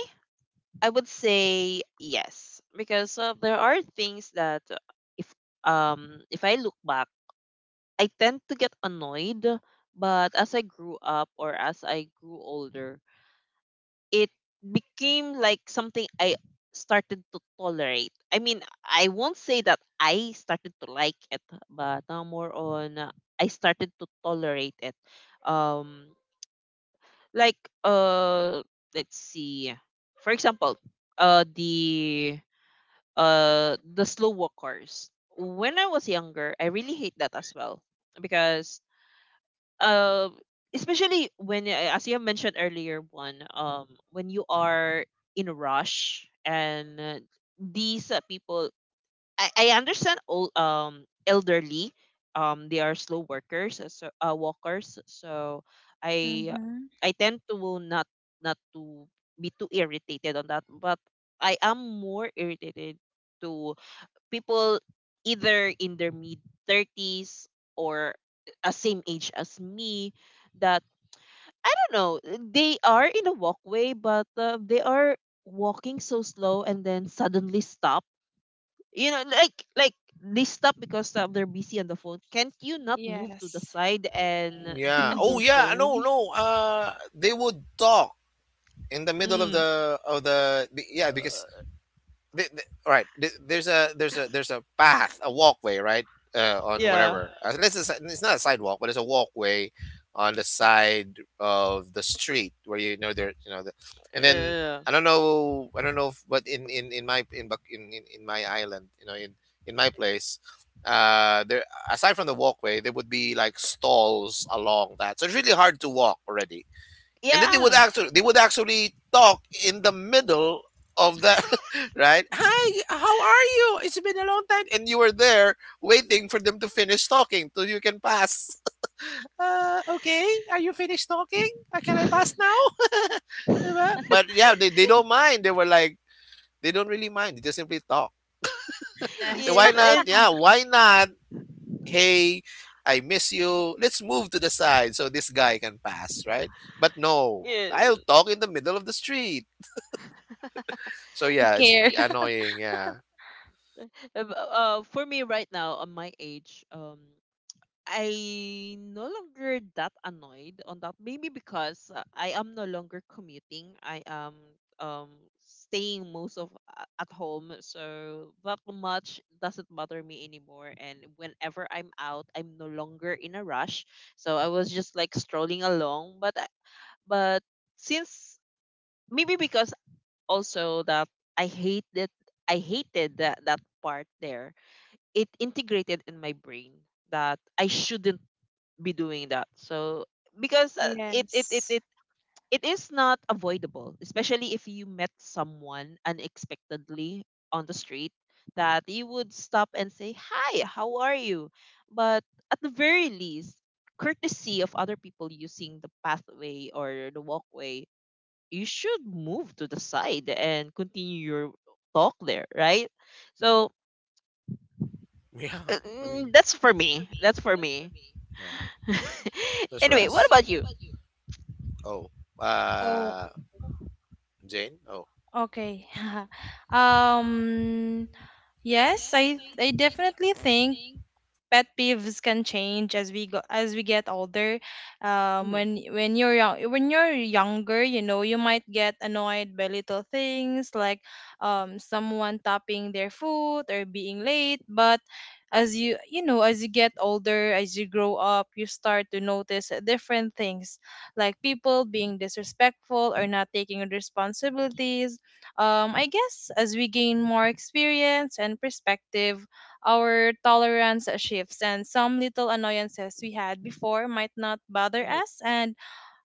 Speaker 1: I would say yes, because there are things that if um if I look back, I tend to get annoyed, but as I grew up or as I grew older, it became like something I started to tolerate. I mean, I won't say that I started to like it, but now more on I started to tolerate it. Um, like let's see, for example, uh, the the slow walkers. When I was younger, I really hate that as well because uh, especially when as you have mentioned earlier one when you are in a rush, and these people, I understand all elderly, they are slow workers walkers, so I
Speaker 3: Mm-hmm.
Speaker 1: tend to not, not to be too irritated on that, but I am more irritated to people either in their mid 30s or a same age as me that I don't know, they are in a walkway but they are walking so slow and then suddenly stop. You know, like they stop because they're busy on the phone. Can't you not move to the
Speaker 3: Yes,
Speaker 1: side and
Speaker 2: Yeah.
Speaker 1: do
Speaker 2: Oh
Speaker 1: your
Speaker 2: yeah. No.
Speaker 1: phone?
Speaker 2: No. They would talk in the middle of
Speaker 1: Mm,
Speaker 2: yeah because all right, there's a, there's a path, a walkway, right? On
Speaker 1: yeah.
Speaker 2: whatever. Unless it's, it's not a sidewalk but it's a walkway on the side of the street where, you know, there, you know, the, and then
Speaker 1: Uh,
Speaker 2: I don't know, I don't know if, but in my in, Bac- in my island, you know, in my place, uh, there, aside from the walkway there would be like stalls along that, so it's really hard to walk already. And then
Speaker 1: yeah.
Speaker 2: they would actually talk in the middle of the right. "Hi, how are you? It's been a long time," and you were there waiting for them to finish talking so you can pass. "Okay, are you finished talking? Can I pass now?" Diba? But yeah, they don't mind. They were like, they don't really mind, they just simply talk.
Speaker 3: yes.
Speaker 2: Why
Speaker 1: Yes,
Speaker 2: not,
Speaker 1: and
Speaker 2: yeah, why not? Hey, I miss you. Let's move to the side so this guy can pass, right? But no,
Speaker 1: yeah.
Speaker 2: I'll talk in the middle of the street. So
Speaker 3: Don't
Speaker 2: yeah, it's
Speaker 3: care.
Speaker 2: annoying. Yeah.
Speaker 1: For me right now, on my age, I no longer that annoyed on that. Maybe because I am no longer commuting. I am um staying most of at home, so that much doesn't bother me anymore. And whenever I'm out, I'm no longer in a rush. So I was just like strolling along. But since maybe because also that I hated I hated that that part there, it integrated in my brain that I shouldn't be doing that. So because
Speaker 3: Yes.
Speaker 1: it is not avoidable, especially if you met someone unexpectedly on the street, that you would stop and say, "Hi, how are you?" But at the very least, courtesy of other people using the pathway or the walkway, you should move to the side and continue your talk there, right? So
Speaker 2: Yeah.
Speaker 1: uh,
Speaker 2: I mean,
Speaker 1: That's for me. That's for me.
Speaker 2: yeah. That's for
Speaker 1: Anyway, what
Speaker 2: us.
Speaker 1: about you?
Speaker 2: Oh,
Speaker 3: Oh,
Speaker 2: uh, Jane. Oh,
Speaker 3: okay. Um, yes, I definitely think pet peeves can change as we get older. um
Speaker 1: Hmm.
Speaker 3: when when you're young when you're younger, you know, you might get annoyed by little things, like someone tapping their foot or being late. But as you, you know, as you get older, as you grow up, you start to notice different things, like people being disrespectful or not taking responsibilities. I guess as we gain more experience and perspective, our tolerance shifts, and some little annoyances we had before might not bother
Speaker 1: Hmm.
Speaker 3: us. And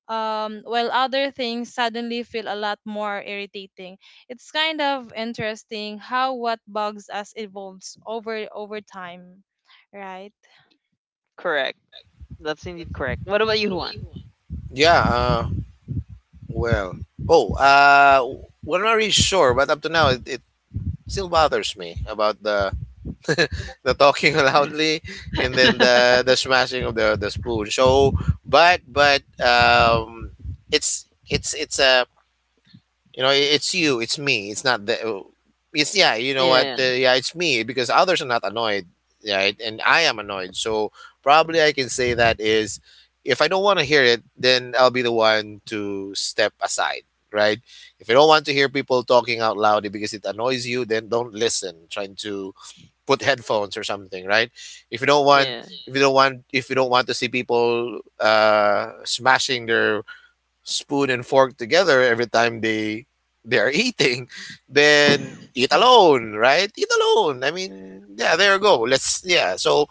Speaker 3: while other things suddenly feel a lot more irritating, it's kind of interesting how what bugs us evolves over time, right?
Speaker 1: Correct. That's indeed correct. What about you, Juan?
Speaker 2: yeah. Well. Oh, we're not really sure, but up to now, it still bothers me about the the talking loudly and then the smashing of the spoon. So, but it's it's a, you know, it's you, it's me. It's not the, oh, it's, yeah, you know what?
Speaker 1: Yeah,
Speaker 2: Yeah, it's me because others are not annoyed, right? And I am annoyed. So probably I can say that is, if I don't want to hear it, then I'll be the one to step aside, right? If you don't want to hear people talking out loud because it annoys you, then don't listen. Trying to put headphones or something, right? If you don't want
Speaker 1: yeah.
Speaker 2: if you don't want to see people smashing their spoon and fork together every time they are eating, then eat alone, right? Eat alone. I mean, yeah, there you go. Let's, yeah. So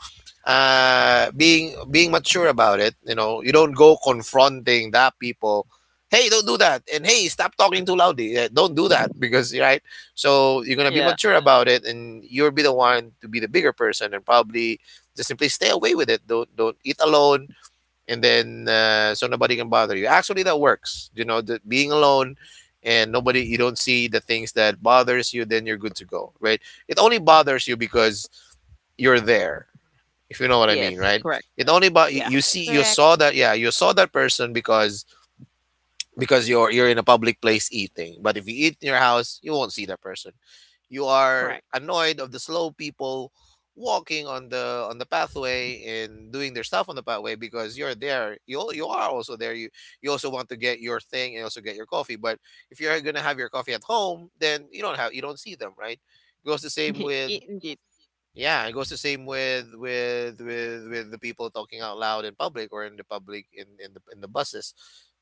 Speaker 2: being mature about it, you know, you don't go confronting that people. "Hey, don't do that." And, "Hey, stop talking too loudly." Yeah, don't do that because right. So you're gonna be
Speaker 1: Yeah.
Speaker 2: mature about it, and you'll be the one to be the bigger person, and probably just simply stay away with it. Don't eat alone and then so nobody can bother you. Actually, that works. You know, the, being alone and nobody, you don't see the things that bothers you, then you're good to go, right? It only bothers you because you're there, if you know what I mean,
Speaker 1: Yes,
Speaker 2: right?
Speaker 1: correct.
Speaker 2: It only But
Speaker 1: Yeah,
Speaker 2: you
Speaker 3: That's
Speaker 2: see, you saw
Speaker 3: correct.
Speaker 2: that, yeah, you saw that person because you're in a public place eating. But if you eat in your house, you won't see that person. You are
Speaker 1: correct.
Speaker 2: annoyed of the slow people walking on the pathway and doing their stuff on the pathway because you're there. You are also there. You also want to get your thing and also get your coffee. But if you're gonna have your coffee at home, then you don't see them, right? It goes the same with,
Speaker 1: I- Indeed.
Speaker 2: yeah, it goes the same with the people talking out loud in public or in the public in in the buses.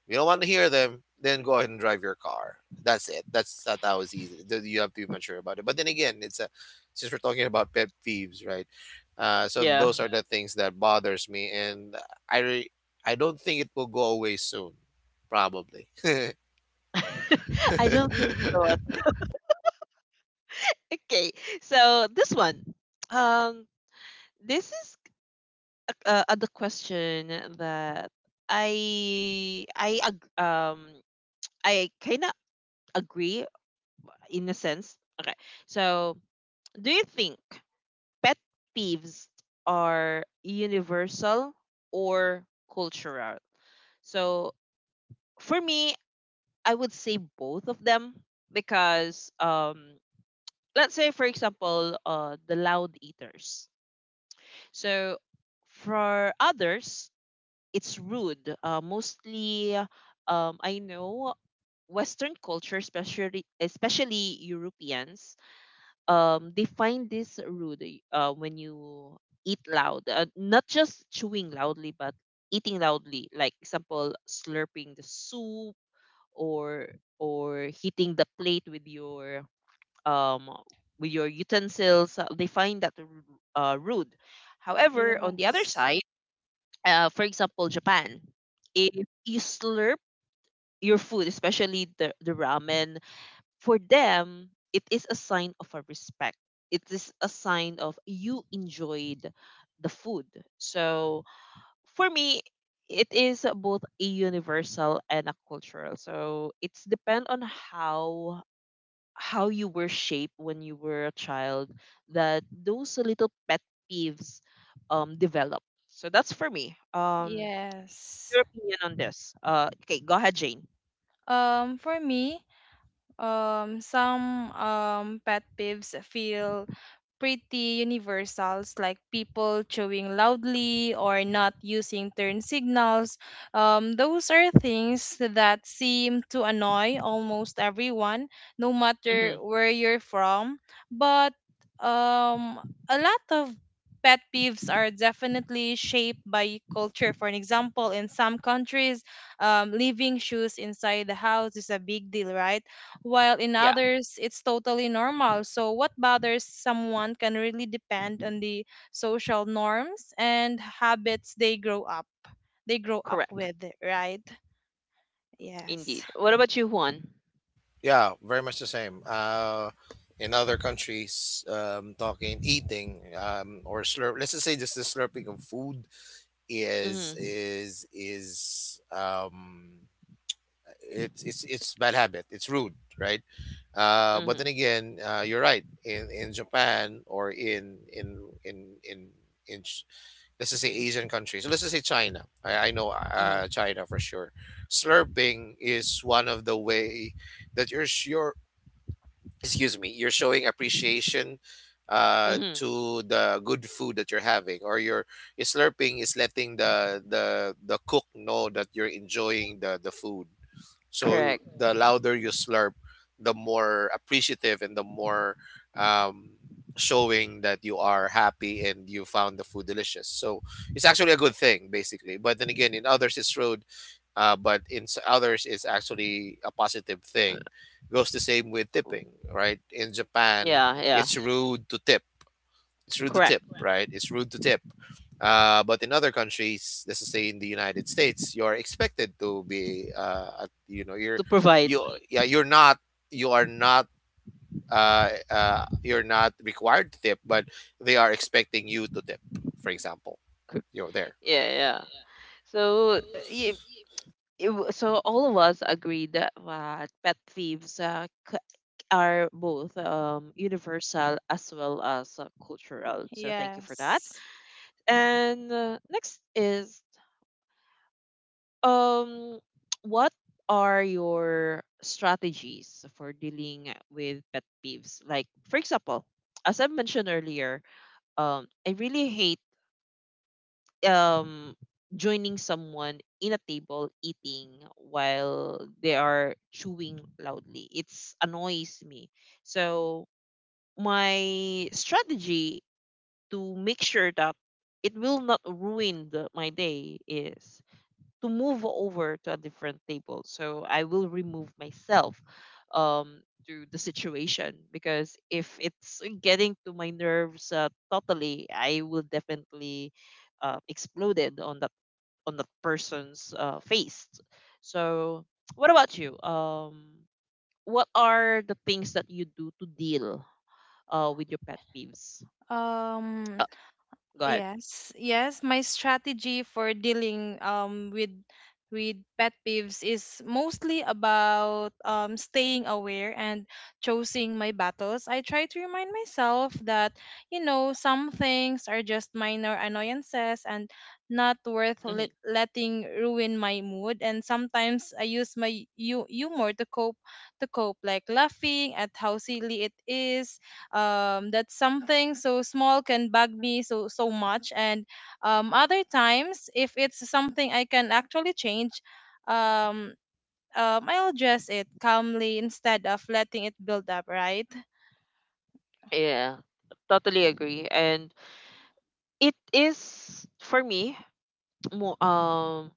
Speaker 2: You don't want to hear them, then go ahead and drive your car. That's it. That was easy. You have to be mature about it. But then again, it's a, since we're talking about pet peeves, right? So
Speaker 1: Yeah.
Speaker 2: those are the things that bothers me, and I re- I don't think it will go away soon, probably.
Speaker 1: I don't think so. Okay, so this one, um, this is the question that I I kind of agree in a sense. Okay. So, do you think pet peeves are universal or cultural? So, for me, I would say both of them because let's say for example, the loud eaters. So, for others, it's rude. Mostly I know Western culture, especially Europeans, they find this rude when you eat loud, not just chewing loudly but eating loudly, like example slurping the soup, or or hitting the plate um with your utensils, they find that rude. However, on the other
Speaker 3: Yes,
Speaker 1: side, for example, Japan, if you slurp your food, especially the ramen, for them, it is a sign of a respect. It is a sign of you enjoyed the food. So for me, it is both a universal and a cultural. So it's depend on how how you were shaped when you were a child, that those little pet peeves develop. So that's for me. Um,
Speaker 3: yes.
Speaker 1: your opinion on this. Okay, go ahead, Jane.
Speaker 3: For me, some pet peeves feel pretty universals, like people chewing loudly or not using turn signals. Those are things that seem to annoy almost everyone, no matter
Speaker 1: Mm-hmm.
Speaker 3: where you're from. But um, a lot of pet peeves are definitely shaped by culture. For an example, in some countries, leaving shoes inside the house is a big deal, right? While in
Speaker 1: Yeah,
Speaker 3: others, it's totally normal. So what bothers someone can really depend on the social norms and habits they grow up
Speaker 1: correct.
Speaker 3: with, right?
Speaker 1: Indeed.
Speaker 3: Yes.
Speaker 1: What about you, Juan?
Speaker 2: Yeah, very much the same. In other countries, talking, eating, or slurp. Let's just say just the slurping of food is
Speaker 1: Mm-hmm.
Speaker 2: it's it's bad habit. It's rude, right? But
Speaker 1: Mhm,
Speaker 2: then again, you're right. In Japan or in in in in Ch- let's just say Asian countries. So let's just say China. I know
Speaker 1: mhm,
Speaker 2: China for sure. Slurping is one of the way that you're sure, excuse me, you're showing appreciation
Speaker 1: mhm.
Speaker 2: to the good food that you're having, or your slurping is letting the cook know that you're enjoying the food, so
Speaker 1: Correct.
Speaker 2: the louder you slurp, the more appreciative and the more um, showing that you are happy and you found the food delicious. So it's actually a good thing, basically. But then again, in others it's rude, but in others it's actually a positive thing.
Speaker 1: Uh,
Speaker 2: Goes the same with tipping, right? In Japan,
Speaker 1: Yeah, yeah.
Speaker 2: it's rude to tip it's rude to
Speaker 1: Correct.
Speaker 2: tip, right? It's rude to tip. But in other countries, let's just say in the United States, you're expected to be, you know, you're,
Speaker 1: To provide.
Speaker 2: you, yeah, you're not, you are not, you're not required to tip, but they are expecting you to tip. For example,
Speaker 1: Cor-
Speaker 2: you're there.
Speaker 1: Yeah, yeah. So y- so all of us agree that pet thieves are both universal as well as cultural. So thank you for that.
Speaker 3: Yes.
Speaker 1: And next is um, what are your strategies for dealing with pet peeves? Like, for example, as I mentioned earlier, I really hate um joining someone in a table eating while they are chewing loudly. It's annoys me. So my strategy to make sure that it will not ruin the, my day is to move over to a different table. So I will remove myself um, to the situation, because if it's getting to my nerves totally, I will definitely exploded on that, on that person's face. So what about you? What are the things that you do to deal with your pet peeves?
Speaker 3: Um.
Speaker 1: Uh, go ahead.
Speaker 3: Yes, yes. My strategy for dealing with pet peeves is mostly about staying aware and choosing my battles. I try to remind myself that, you know, some things are just minor annoyances and not worth
Speaker 1: Hmm.
Speaker 3: letting ruin my mood. And sometimes I use my humor to cope like laughing at how silly it is that something so small can bug me so much. And other times, if it's something I can actually change, um I'll address it calmly instead of letting it build up, right?
Speaker 1: Yeah, totally agree. And it is for me more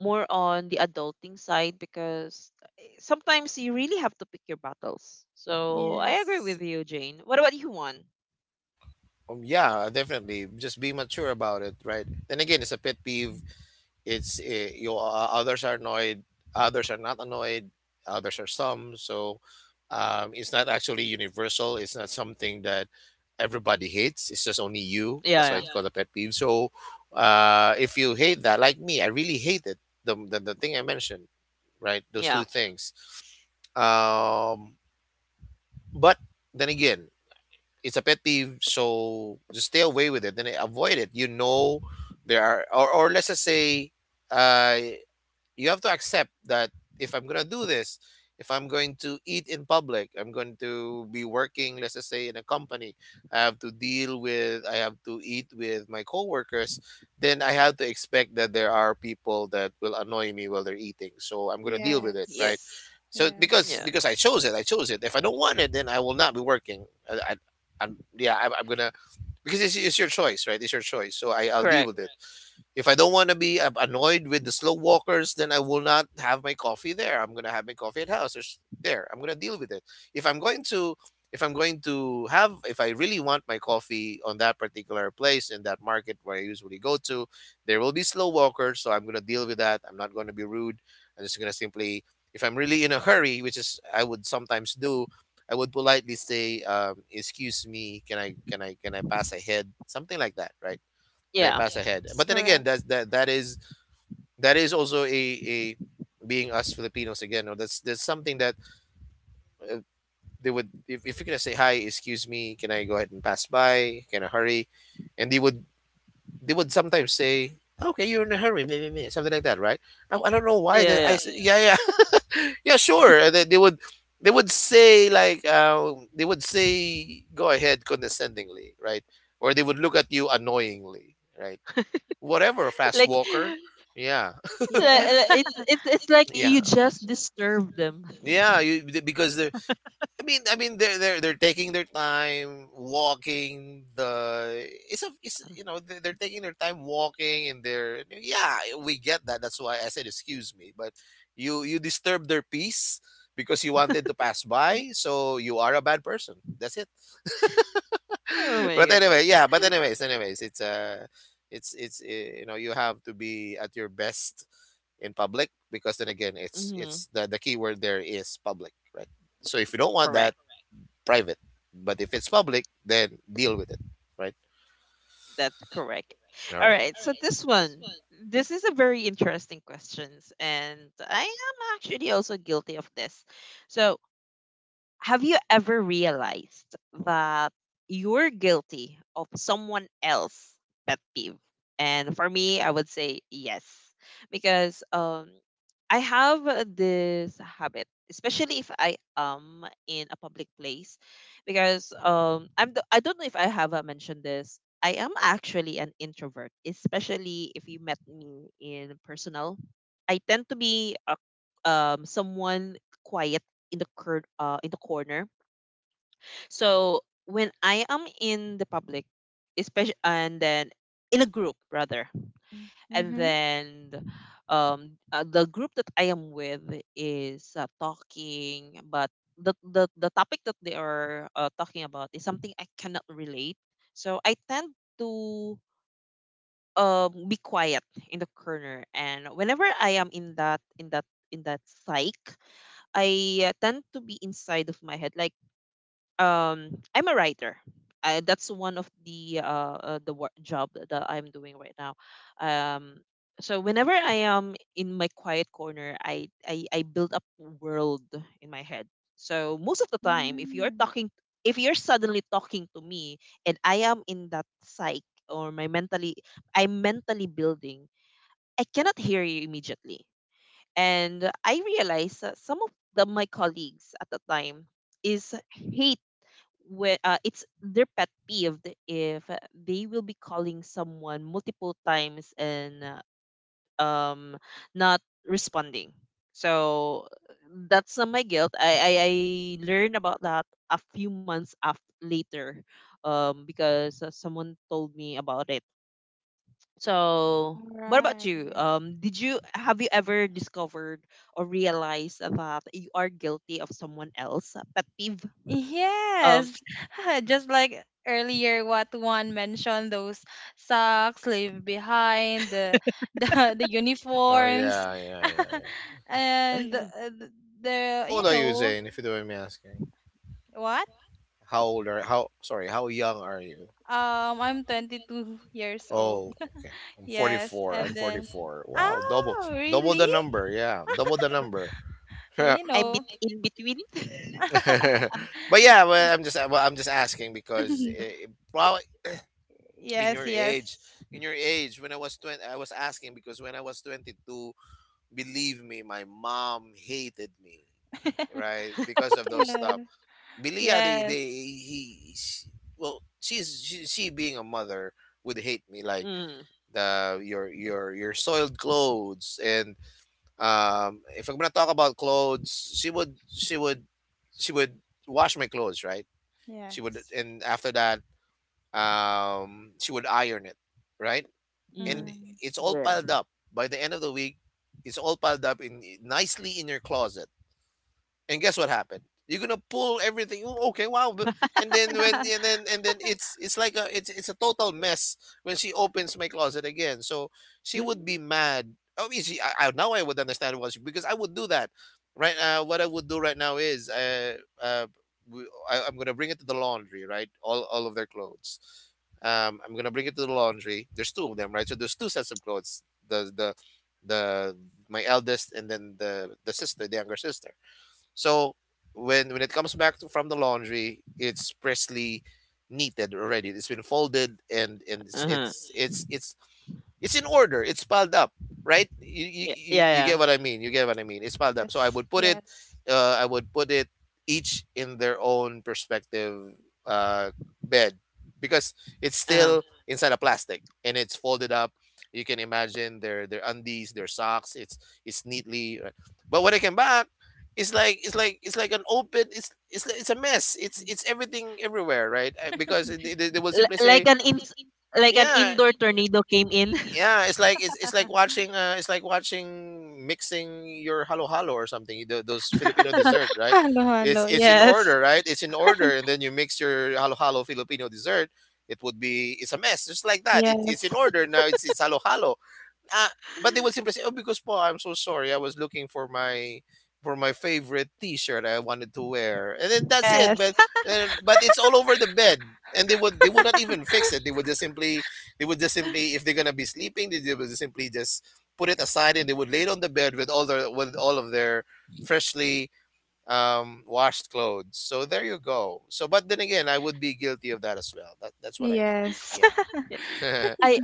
Speaker 1: more on the adulting side because eh, sometimes you really have to pick your battles. So I agree
Speaker 3: Yes.
Speaker 1: with you, Jane. What about you, Juan?
Speaker 2: Yeah, definitely. Just be mature about it, right? Then again, it's a pet peeve.
Speaker 1: Mhm.
Speaker 2: It's you, others are annoyed, others are not annoyed, others are some, so it's not actually universal. It's not something that everybody hates, it's just only you,
Speaker 1: Yeah,
Speaker 2: that's why
Speaker 1: yeah,
Speaker 2: it's called a pet peeve. So if you hate that like me, I really hate it, the, thing I mentioned, right, those
Speaker 1: yeah,
Speaker 2: two things. um, but then again, it's a pet peeve, so just stay away with it, then avoid it, you know. There are, or let's just say uh you have to accept that if I'm gonna do this, if I'm going to eat in public, I'm going to be working, let's just say, in a company, I have to deal with, I have to eat with my coworkers, then I have to expect that there are people that will annoy me while they're eating. So I'm gonna deal with it,
Speaker 1: yeah,
Speaker 2: right?
Speaker 3: Yes.
Speaker 2: So
Speaker 1: yeah.
Speaker 3: Yes.
Speaker 2: because I chose it, I chose it. If I don't want it, then I will not be working. I, I, I'm, yeah, I'm gonna, because it's your choice, right? It's your choice. So I, I'll deal
Speaker 1: Correct.
Speaker 2: with it. If I don't want to be annoyed with the slow walkers, then I will not have my coffee there. I'm gonna have my coffee at house. There's there. I'm gonna deal with it. If I'm going to, if I'm going to have, if I really want my coffee on that particular place in that market where I usually go to, there will be slow walkers. So I'm gonna deal with that. I'm not going to be rude. I'm just gonna simply, If I'm really in a hurry, which is I would sometimes do, I would politely say, "Excuse me, can I pass ahead?" Something like that, right? And I
Speaker 1: Yeah,
Speaker 2: pass ahead.
Speaker 3: Yes,
Speaker 2: But then again,
Speaker 3: correct.
Speaker 2: that is also a being us Filipinos again. Or that's something that uh, they would. If you're gonna say hi, excuse me, can I go ahead and pass by? Can I hurry? And they would They would sometimes say, "Okay, you're in a hurry, meh, meh, meh," something like that, right? I don't know why.
Speaker 1: yeah, yeah.
Speaker 2: Yeah. Yeah, sure. And then they would They would say like they would say go ahead condescendingly, right? Or they would look at you annoyingly, right? Whatever, fast
Speaker 1: Like,
Speaker 2: walker. Yeah.
Speaker 3: Yes.
Speaker 1: it's it's like
Speaker 2: Yeah.
Speaker 1: you just disturb them.
Speaker 2: Because they're, I mean they're taking their time walking. The It's a, it's, you know, they're taking their time walking, and they're, yeah, we get that. That's why I said excuse me. But you disturb their peace because you wanted to pass by, so you are a bad person. That's it.
Speaker 1: Oh my
Speaker 2: But
Speaker 1: goodness.
Speaker 2: anyway, yeah. But anyways, it's it's you know, you have to be at your best in public, because then again, it's
Speaker 1: Mm-hmm.
Speaker 2: it's the key word there is public, right? So if you don't want that,
Speaker 1: Correct.
Speaker 2: private. But if it's public, then deal with it, right?
Speaker 1: That's correct.
Speaker 2: All
Speaker 1: All
Speaker 2: right.
Speaker 1: right, so this one, this is a very interesting questions, and I am actually also guilty of this. So, have you ever realized that you're guilty of someone else's pet peeve? And for me, I would say yes, because I have this habit, especially if I am in a public place, because I'm the, I don't know if I have mentioned this. I am actually an introvert, especially if you met me in personal. I tend to be a, someone quiet in the in the corner. So when I am in the public, especially, and then in a group rather, and
Speaker 3: Mm-hmm.
Speaker 1: then the group that I am with is talking, but the topic that they are talking about is something I cannot relate. So I tend to be quiet in the corner, and whenever I am in that psych, I tend to be inside of my head. Like, I'm a writer. I, that's one of the work job that I'm doing right now. Um so whenever I am in my quiet corner, I build up a world in my head. So most of the time,
Speaker 3: Mm.
Speaker 1: if you're suddenly talking to me and I am in that psyche, or my mentally, I'm mentally building, I cannot hear you immediately. And I realized that some of the, my colleagues at the time is hate with it's their pet peeve if they will be calling someone multiple times and uh, um not responding. So that's not my guilt. I learned about that a few months after later, because someone told me about it. So
Speaker 3: All
Speaker 1: what about
Speaker 3: right.
Speaker 1: you? Um, did you, have you ever discovered or realized that you are guilty of someone else pet peeve? Um.
Speaker 3: Yes, just like earlier, what Juan mentioned, those socks leave behind, the, the
Speaker 2: Oh,
Speaker 3: uniforms,
Speaker 2: yeah, yeah, yeah, yeah.
Speaker 3: and the,
Speaker 2: How
Speaker 3: the, you
Speaker 2: old are you,
Speaker 3: know
Speaker 2: Zane? If you don't mind me asking,
Speaker 3: what?
Speaker 2: how, sorry, how young are you?
Speaker 3: I'm 22 years old.
Speaker 2: Oh, okay. I'm
Speaker 3: Yes,
Speaker 2: 44.
Speaker 3: and
Speaker 2: I'm
Speaker 3: then
Speaker 2: 44. Wow, double,
Speaker 3: oh
Speaker 2: double
Speaker 3: really?
Speaker 2: the number. Yeah, double the number.
Speaker 3: You
Speaker 1: I'm
Speaker 3: know,
Speaker 1: bit in between.
Speaker 2: But yeah, well, I'm just asking because probably in
Speaker 3: yes,
Speaker 2: your age,
Speaker 3: yes,
Speaker 2: in your age, when I was 20, I was asking because when I was 22, believe me, my mom hated me, right? Because of those
Speaker 3: yes,
Speaker 2: stuff. Billy, yeah,
Speaker 3: yes,
Speaker 2: she— well, she, being a mother, would hate me like
Speaker 1: Mm,
Speaker 2: the your your soiled clothes. And um, if I'm gonna talk about clothes, she would wash my clothes, right? She would,
Speaker 3: yes.
Speaker 2: and after that, she would iron it, right?
Speaker 1: mm,
Speaker 2: And
Speaker 3: Mm.
Speaker 2: it's all
Speaker 1: yeah.
Speaker 2: piled up by the end of the week. It's all piled up in nicely in your closet, and guess what happened? You're gonna pull everything. "Oh, okay, wow. But—" And then when and then it's a total mess when she opens my closet again. So she would be mad. I mean, she I now I would understand why, she, because I would do that. Right now, what I would do right now is we, I'm gonna bring it to the laundry. Right, all of their clothes. I'm gonna bring it to the laundry. There's two of them, right? So there's two sets of clothes. The the the My eldest, and then the sister, the younger sister. So when it comes back from the laundry, it's freshly knitted already. It's been folded, and
Speaker 1: Uh-huh.
Speaker 2: it's in order. It's piled up, right?
Speaker 1: Yeah, yeah,
Speaker 2: You
Speaker 1: yeah.
Speaker 2: get what I mean. You get what I mean. It's piled up. So I
Speaker 3: Yes,
Speaker 2: would put it,
Speaker 3: yes.
Speaker 2: I would put it each in their own perspective uh, bed, because it's
Speaker 1: Uh-huh.
Speaker 2: still inside a plastic and it's folded up. You can imagine their undies, their socks. It's neatly, but when I came back, it's like it's like an open. It's a mess. It's everything everywhere, right? Because they will
Speaker 1: L-
Speaker 2: simply
Speaker 1: like
Speaker 2: say,
Speaker 1: an in, like an
Speaker 2: yeah,
Speaker 1: indoor tornado came in.
Speaker 2: yeah. It's like it's like watching mixing your halo halo or something. Those Filipino dessert, right?
Speaker 3: Hello, hello.
Speaker 2: It's in
Speaker 3: Yes,
Speaker 2: order, right? It's in order, and then you mix your halo halo Filipino dessert. It would be, it's a mess, just like that. It, it's in,
Speaker 3: yes,
Speaker 2: yes, order now. It's halo halo, uh, but they would simply say, "Oh, because po, I'm so sorry. I was looking for my favorite T-shirt I wanted to wear," and then that's it.
Speaker 3: yes.
Speaker 2: But yes, but it's all over the bed, and they would not even fix it. They would just simply, if they're gonna be sleeping, they would just simply just put it aside, and they would lay it on the bed with all their, with all of their freshly washed clothes. So there you go. So but then again, I would be guilty of that as well. That, that's what I mean.
Speaker 3: Yes.
Speaker 2: Yeah. Yeah.
Speaker 1: I,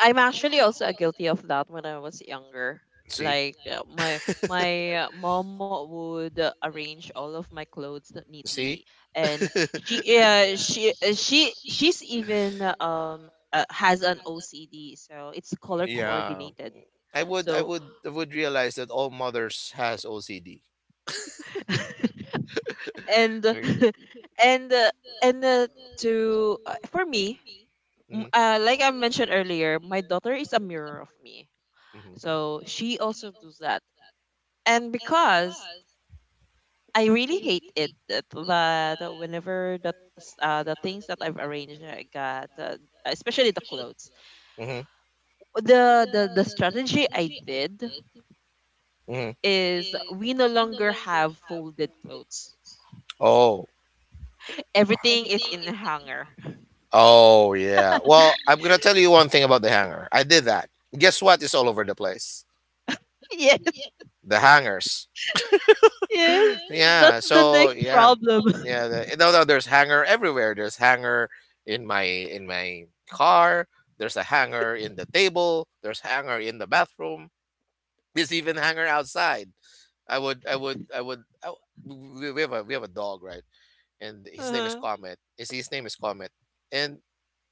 Speaker 1: I'm actually also guilty of that when I was younger.
Speaker 2: See?
Speaker 1: Like my mom would arrange all of my clothes neatly,
Speaker 2: See?
Speaker 1: and she yeah, she's even has an OCD, so it's color
Speaker 2: Yeah.
Speaker 1: coordinated. So
Speaker 2: I would realize that all mothers has OCD.
Speaker 1: and
Speaker 2: And
Speaker 1: and uh, and
Speaker 2: uh,
Speaker 1: to for me,
Speaker 2: Mm-hmm,
Speaker 1: like I mentioned earlier, my daughter is a mirror of me,
Speaker 2: mm-hmm,
Speaker 1: so she also does that. And because I really hate it that, that whenever the the things that I've arranged, I got especially the clothes,
Speaker 2: mm
Speaker 1: the strategy I did
Speaker 2: hmm.
Speaker 1: is we no longer have folded clothes,
Speaker 2: Oh.
Speaker 1: everything is in a hanger.
Speaker 2: Oh yeah. Well, I'm gonna tell you one thing about the hanger. I did that. Guess what is all over the place?
Speaker 1: Yes.
Speaker 2: The hangers.
Speaker 1: Yes,
Speaker 2: Okay.
Speaker 1: that's
Speaker 2: Yeah.
Speaker 1: the
Speaker 2: So
Speaker 1: next
Speaker 2: yeah,
Speaker 1: problem.
Speaker 2: yeah, yeah. No, no. There's hanger everywhere. There's hanger in my car. There's a hanger in the table. There's hanger in the bathroom. There's even hanger outside. I would, I would, I would. I, w- we have a dog, right? And his name is
Speaker 1: Uh-huh.
Speaker 2: Comet. His name is Comet. And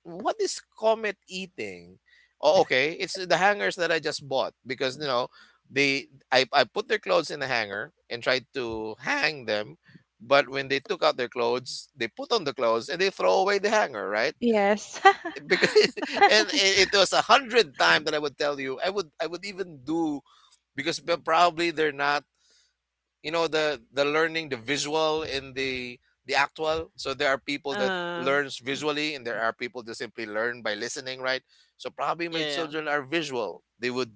Speaker 2: what is Comet eating? Oh, okay. It's the hangers that I just bought because, you know, they, I put their clothes in the hanger and tried to hang them, but when they took out their clothes, they put on the clothes and they throw away the hanger, right?
Speaker 3: Yes.
Speaker 2: Because, and it was a hundred time that I would tell you I would even do. Because probably they're not, you know, the learning, the visual in the actual. So there are people that
Speaker 1: Uh,
Speaker 2: learns visually, and there are people that simply learn by listening, right? So probably my
Speaker 1: yeah, yeah.
Speaker 2: children are visual.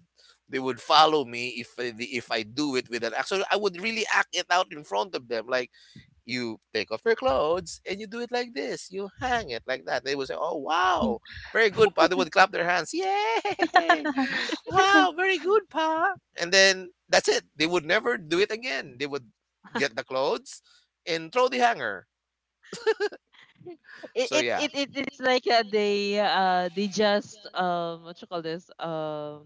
Speaker 2: They would follow me if I do it with an act. So I would really act it out in front of them. Like, you take off your clothes and you do it like this. You hang it like that. They would say, "Oh wow, very good!" But they would clap their hands. Yay! Wow, very good, pa. And then that's it. They would never do it again. They would get the clothes and throw the hanger. So yeah. It,
Speaker 1: It
Speaker 2: it,
Speaker 1: is
Speaker 2: it
Speaker 1: like
Speaker 2: looks like
Speaker 1: they
Speaker 2: they
Speaker 1: just
Speaker 2: just,
Speaker 1: what you call this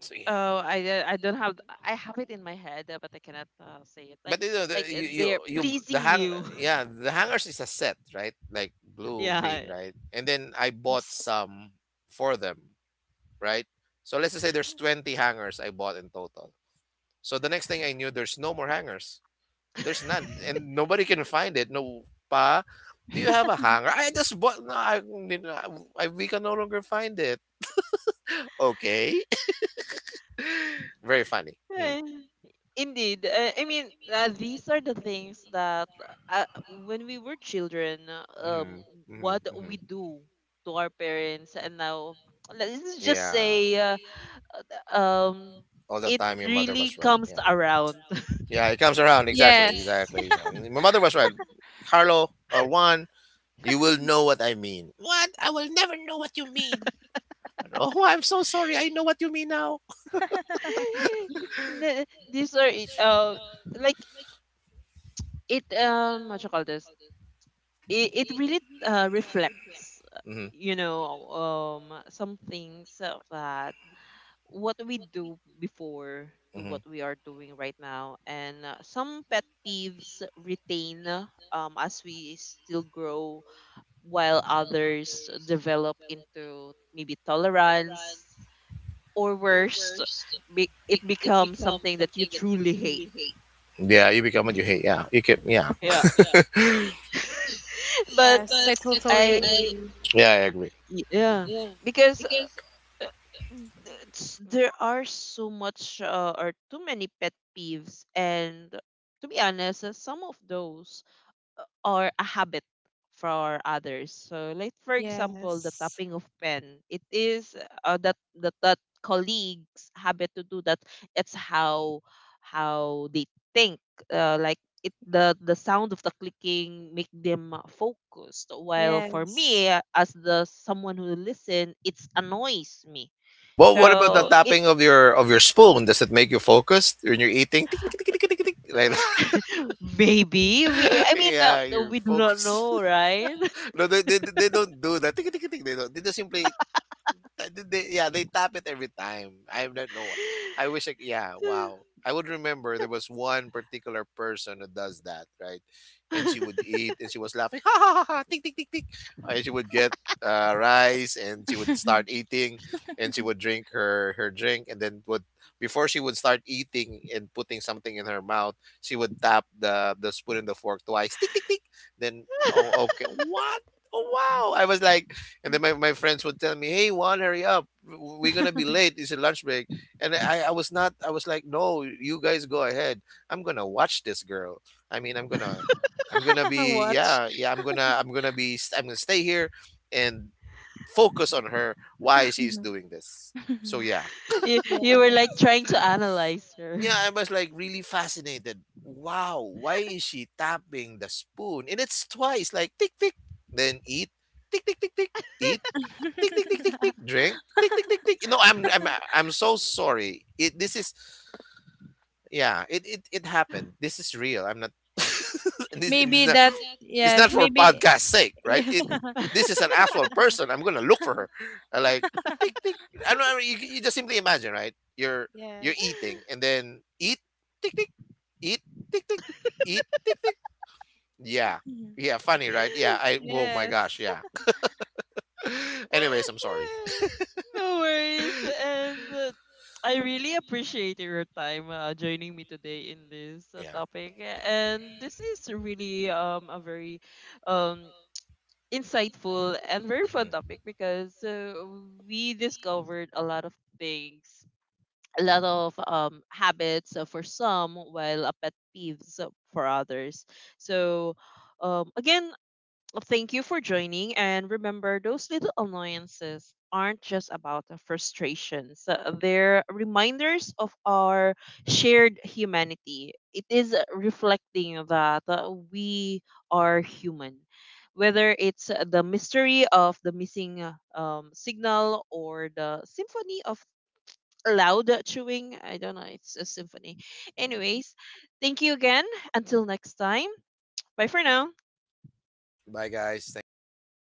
Speaker 2: so yeah.
Speaker 1: oh, I don't have, I have it in my head but I cannot say it. like
Speaker 2: But you know the
Speaker 1: like they're
Speaker 2: you the
Speaker 1: pleasing
Speaker 2: hang
Speaker 1: you.
Speaker 2: yeah, the hangers is a set, right? Like blue,
Speaker 1: Yeah.
Speaker 2: green, right? And then I bought
Speaker 3: Yes.
Speaker 2: some for them, right? So let's just say there's 20 hangers I bought in total. So the next thing I knew, there's no more hangers. There's none, and nobody can find it. No, pa, do you have a hanger? I just bought. No, I, you know, we can no longer find it. Okay, very funny. Mm.
Speaker 1: Eh, indeed. I mean, these are the things that when we were children, um,
Speaker 2: Mm-hmm. Mm-hmm.
Speaker 1: what
Speaker 2: Mm-hmm.
Speaker 1: we do to our parents, and now let's just
Speaker 2: Yeah,
Speaker 1: say, um,
Speaker 2: all the
Speaker 1: it
Speaker 2: time your mother
Speaker 1: really
Speaker 2: was right.
Speaker 1: comes
Speaker 2: Yeah,
Speaker 1: around.
Speaker 2: yeah, it comes around, exactly,
Speaker 3: Yes.
Speaker 2: exactly, exactly. My mother was right. Carlo or Juan, you will know what I mean. What? I will never know what you mean. Oh, I'm so sorry. I know what you mean now.
Speaker 1: Na- these are it. Like it. What you call this? It really reflects. Uh,
Speaker 2: Mm-hmm.
Speaker 1: you know, some things that what we do before to
Speaker 2: Hmm.
Speaker 1: what we are doing right now, and some pet peeves retain, as we still grow, while others develop into maybe tolerance, or worse, it becomes something that you truly hate.
Speaker 2: Yeah, you become what you hate. Yeah, you can. Yeah,
Speaker 1: Yeah. But
Speaker 3: Yes, I totally
Speaker 1: I
Speaker 3: agree.
Speaker 2: yeah, I agree.
Speaker 1: yeah, because it's- there are so much or too many pet peeves, and to be honest, some of those or a habit for others. So like for example, the
Speaker 3: Yes.
Speaker 1: tapping of pen, it is uh, that that that colleagues habit to do that. It's how they think. Like it, the sound of the clicking make them focused. While for
Speaker 3: Yes.
Speaker 1: me, as the someone who listen, it's annoys me.
Speaker 2: Well, what about the
Speaker 1: So it.
Speaker 2: tapping of your spoon? Does it make you focused when you're eating? Tick, tick, tick, tick, tick, tick, tick, like
Speaker 1: Maybe we,
Speaker 2: that.
Speaker 1: I mean,
Speaker 2: Yeah, you're
Speaker 1: we do not
Speaker 2: focused.
Speaker 1: know, right?
Speaker 2: No, they don't do that. Tick, tick, tick, they don't. They just simply, uh, they, yeah, they tap it every time. I don't know. Yeah, wow. I would remember there was one particular person who does that, right? And she would eat and she was laughing. Ha ha ha ha. Tick tick tick tick. And she would get rice and she would start eating, and she would drink her drink, and then would, before she would start eating and putting something in her mouth, she would tap the spoon and the fork twice. Tick tick tick. Then, oh okay. What? Oh wow. I was like, and then my friends would tell me, "Hey, Juan, hurry up! We're gonna be late. It's your lunch break." And I was not. I was like, "No, you guys go ahead. I'm gonna watch this girl. I mean, I'm gonna be
Speaker 3: Watch.
Speaker 2: yeah, yeah. I'm gonna be, I'm gonna stay here and focus on her. Why she's doing this." So yeah,
Speaker 1: You were like trying
Speaker 3: Yes.
Speaker 1: to analyze her.
Speaker 2: yeah. I was like really fascinated. Wow, why is she tapping the spoon? And it's twice, like tick tick, then eat, tick tick tick tick, eat, tick tick tick tick tick, drink, tick tick tick tick. No, I'm so sorry. It This is, yeah, it, it happened. This is real. I'm not this is
Speaker 3: Maybe
Speaker 2: not,
Speaker 3: that,
Speaker 2: it's
Speaker 3: yes,
Speaker 2: not for
Speaker 3: maybe,
Speaker 2: podcast sake, right?
Speaker 3: yeah.
Speaker 2: It this is an actual person. I'm gonna look for her. I like, tick tick. I don't know. You just simply imagine, right? You're
Speaker 3: Yes.
Speaker 2: eating, and then eat, tick tick, eat, tick tick, eat, tick tick, yeah, yeah. Funny, right? Yeah. I, oh my gosh,
Speaker 3: Yes.
Speaker 2: yeah. Anyways, I'm sorry.
Speaker 1: No worries. And I really appreciate your time joining me today in this
Speaker 2: Yeah.
Speaker 1: topic. And this is really a very um insightful and very fun topic, because we discovered a lot of things, a lot of habits for some, while a pet peeves for others. So again. Well, thank you for joining, and remember, those little annoyances aren't just about the frustrations. They're reminders of our shared humanity. It is reflecting that we are human. Whether it's the mystery of the missing signal, or the symphony of loud chewing, I don't know, it's a symphony. Anyways, thank you again. Until next time, bye for now.
Speaker 2: Bye, guys. Thank you
Speaker 3: Bye,
Speaker 2: very
Speaker 3: guys.
Speaker 2: much.